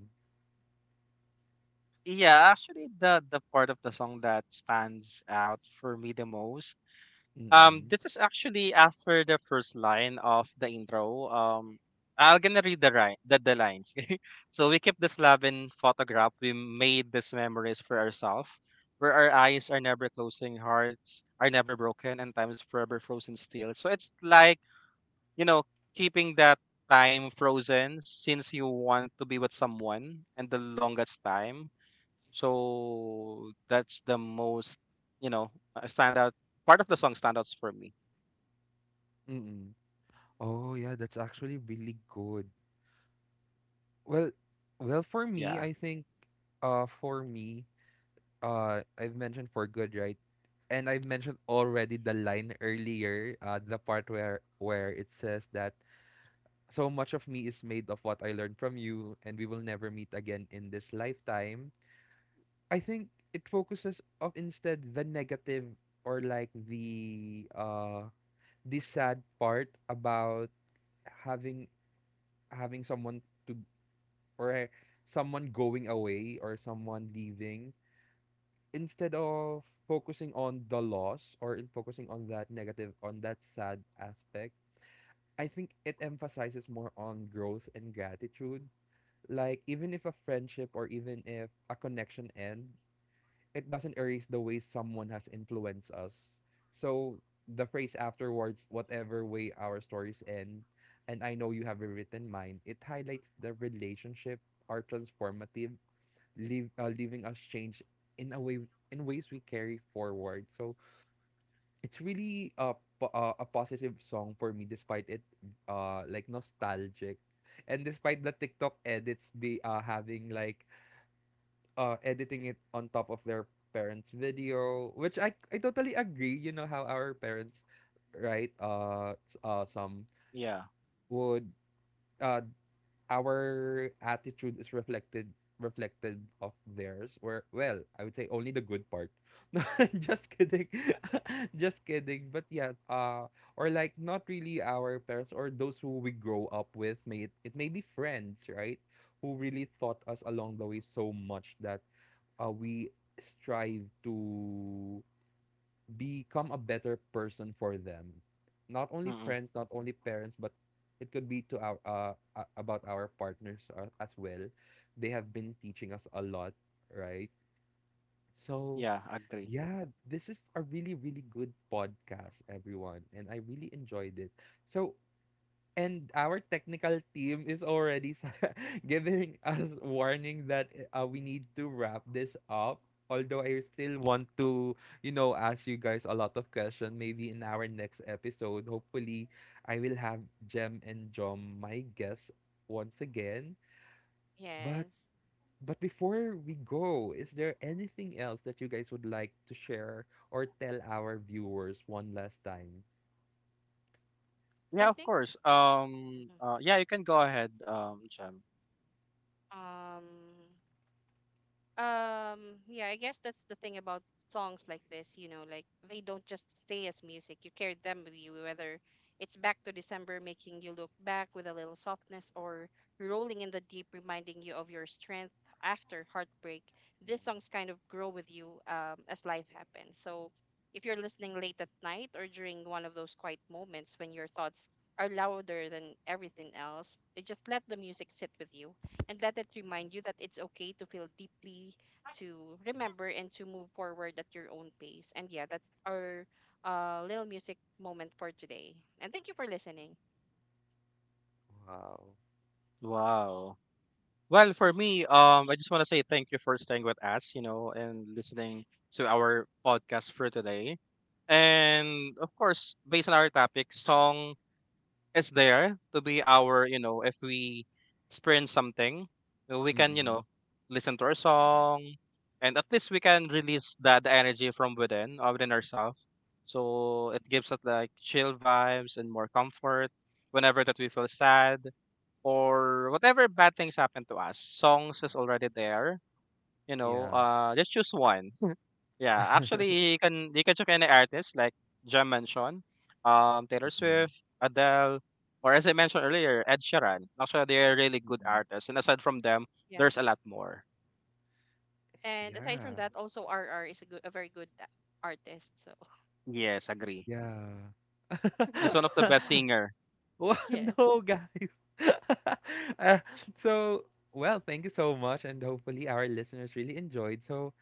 [SPEAKER 3] Yeah, actually, the part of the song that stands out for me the most,
[SPEAKER 1] Mm-mm.
[SPEAKER 3] this is actually after the first line of the intro. I'm gonna read the the lines. So we keep the Slavin photograph. We made these memories for ourselves, where our eyes are never closing, hearts are never broken, and time is forever frozen still. So it's like, you know, keeping that time frozen, since you want to be with someone and the longest time. So that's the most, you know, standout part of the song, standouts for me.
[SPEAKER 1] Mm-mm. Oh, yeah, that's actually really good. Well, well for me,
[SPEAKER 3] Yeah,
[SPEAKER 1] I think for me I've mentioned for good, right? And I've mentioned already the line earlier, the part where it says that so much of me is made of what I learned from you, and we will never meet again in this lifetime. I think it focuses of instead the negative or like the sad part about having having someone to or someone going away or someone leaving instead of focusing on the loss or in focusing on that negative on that sad aspect. I think it emphasizes more on growth and gratitude, like even if a friendship or even if a connection ends, it doesn't erase the way someone has influenced us. So the phrase afterwards, whatever way our stories end and I know you have rewritten mine, it highlights the relationship are transformative, leaving us change in a way, in ways we carry forward. So it's really a a positive song for me, despite it like nostalgic, and despite the TikTok edits be having like editing it on top of their parents' video, which I totally agree. You know how our parents, right? Some
[SPEAKER 3] yeah,
[SPEAKER 1] would uh, our attitude is reflected of theirs, where well I would say only the good part. No, just kidding. Just kidding. But yeah, or like not really our parents or those who we grow up with, may it may be friends, right, who really taught us along the way so much that we strive to become a better person for them. Not only
[SPEAKER 3] mm-mm,
[SPEAKER 1] friends, not only parents, but it could be to our about our partners as well. They have been teaching us a lot, right? So,
[SPEAKER 3] yeah, agree.
[SPEAKER 1] yeah, this is a really really good podcast, everyone, and I really enjoyed it. So, and our technical team is already giving us warning that we need to wrap this up. Although I still want to, you know, ask you guys a lot of questions, maybe in our next episode. Hopefully, I will have Jem and Jom, my guests, once again. But
[SPEAKER 2] yes.
[SPEAKER 1] before we go, is there anything else that you guys would like to share or tell our viewers one last time?
[SPEAKER 2] I
[SPEAKER 3] Yeah, of
[SPEAKER 2] think.
[SPEAKER 3] course.
[SPEAKER 2] Mhm.
[SPEAKER 3] Yeah, you can go ahead, Chem.
[SPEAKER 2] um yeah, I guess that's the thing about songs like this, you know, like they don't just stay as music. You carry them with you, whether it's Back to December making you look back with a little softness or Rolling in the Deep reminding you of your strength after heartbreak. These songs
[SPEAKER 1] Mm.
[SPEAKER 2] kind of grow with you, as life happens. So if you're listening late at night or during one of those quiet moments when your thoughts are louder than everything else, they just let the music sit with you and let it remind you that it's okay to feel deeply, to remember, and to move forward at your own pace. And yeah, that's our little music moment for today. And thank you for listening.
[SPEAKER 1] Wow.
[SPEAKER 3] Wow. Well, for
[SPEAKER 2] Okay.
[SPEAKER 3] me, I just want to say thank you for staying with us, you know, and listening to our podcast for today. And of course, based on our topic, song is there to be our, you know, if we experience something, we can, you
[SPEAKER 1] Mm-mm.
[SPEAKER 3] know, listen to our
[SPEAKER 2] Mhm.
[SPEAKER 3] song, and at least we can release that the energy from within, within ourselves. So it gives us like chill vibes and more comfort whenever that we feel sad or whatever bad things happen to us. Songs is already there, you know,
[SPEAKER 1] Yeah.
[SPEAKER 3] just choose one. Yeah, actually, you can check any artist like Jam mentioned, Taylor
[SPEAKER 1] Mm,
[SPEAKER 3] Swift, Adele, or as I mentioned earlier, Ed Sheeran. Actually, they are really good
[SPEAKER 1] mm.
[SPEAKER 3] artists, and aside from them, there's a
[SPEAKER 2] Yes.
[SPEAKER 3] lot more.
[SPEAKER 2] And aside from
[SPEAKER 1] Yeah,
[SPEAKER 2] that, also RR is a good, a very good artist. So,
[SPEAKER 3] Yes, agree.
[SPEAKER 1] yeah.
[SPEAKER 3] He's one
[SPEAKER 2] RR.
[SPEAKER 3] of the best singer.
[SPEAKER 1] Well,
[SPEAKER 2] Yes.
[SPEAKER 1] no, guys. Uh, so, well, thank you so much, and hopefully our listeners really enjoyed. So,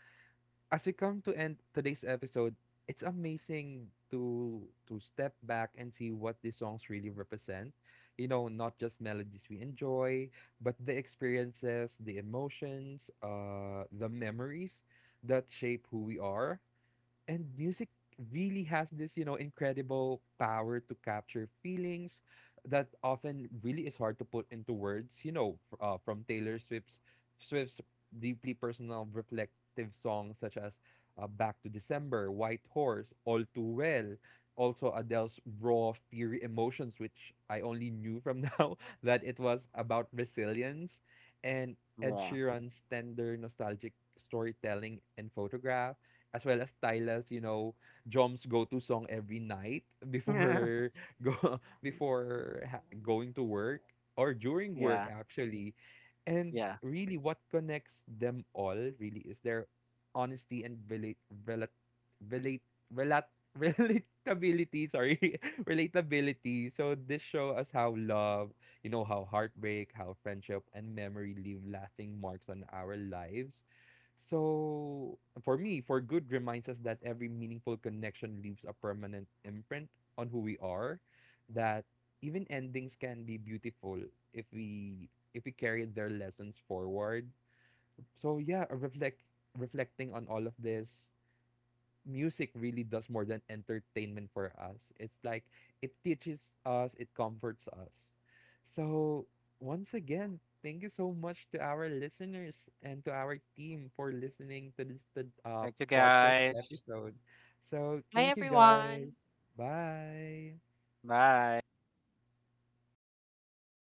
[SPEAKER 1] as we come to end today's episode, it's amazing to step back and see what these songs really represent. You know, not just melodies we enjoy, but the experiences, the emotions, the memories that shape who we are, and music really has this, you know, incredible power to capture feelings that often really is hard to put into words. You know, from Taylor Swift's deeply personal reflective songs such as Back to December, White Horse, All Too Well, also Adele's raw fury emotions, which I only knew from now that it was about resilience, and Ed
[SPEAKER 3] Yeah.
[SPEAKER 1] Sheeran's tender nostalgic storytelling and photograph, as well as Tyla's, you know, Jom's go-to song every night before go going to work or during work
[SPEAKER 3] Yeah.
[SPEAKER 1] actually. And
[SPEAKER 3] Yeah.
[SPEAKER 1] really what connects them all really is their honesty and relate relate relate relate relatability, sorry. Relatability. So this show us how love, you know, how heartbreak, how friendship and memory leave lasting marks on our lives. So, for me, For Good reminds us that every meaningful connection leaves a permanent imprint on who we are, that even endings can be beautiful if we if we carry their lessons forward. So yeah, reflecting on all of this, music really does more than entertainment for us. It's like it teaches us, it comforts us. So, once again, thank you so much to our listeners and to our team for listening to this
[SPEAKER 3] Thank you
[SPEAKER 1] podcast
[SPEAKER 3] guys.
[SPEAKER 1] episode. So,
[SPEAKER 2] Hi
[SPEAKER 1] thank you guys.
[SPEAKER 2] everyone.
[SPEAKER 1] Bye.
[SPEAKER 3] Bye.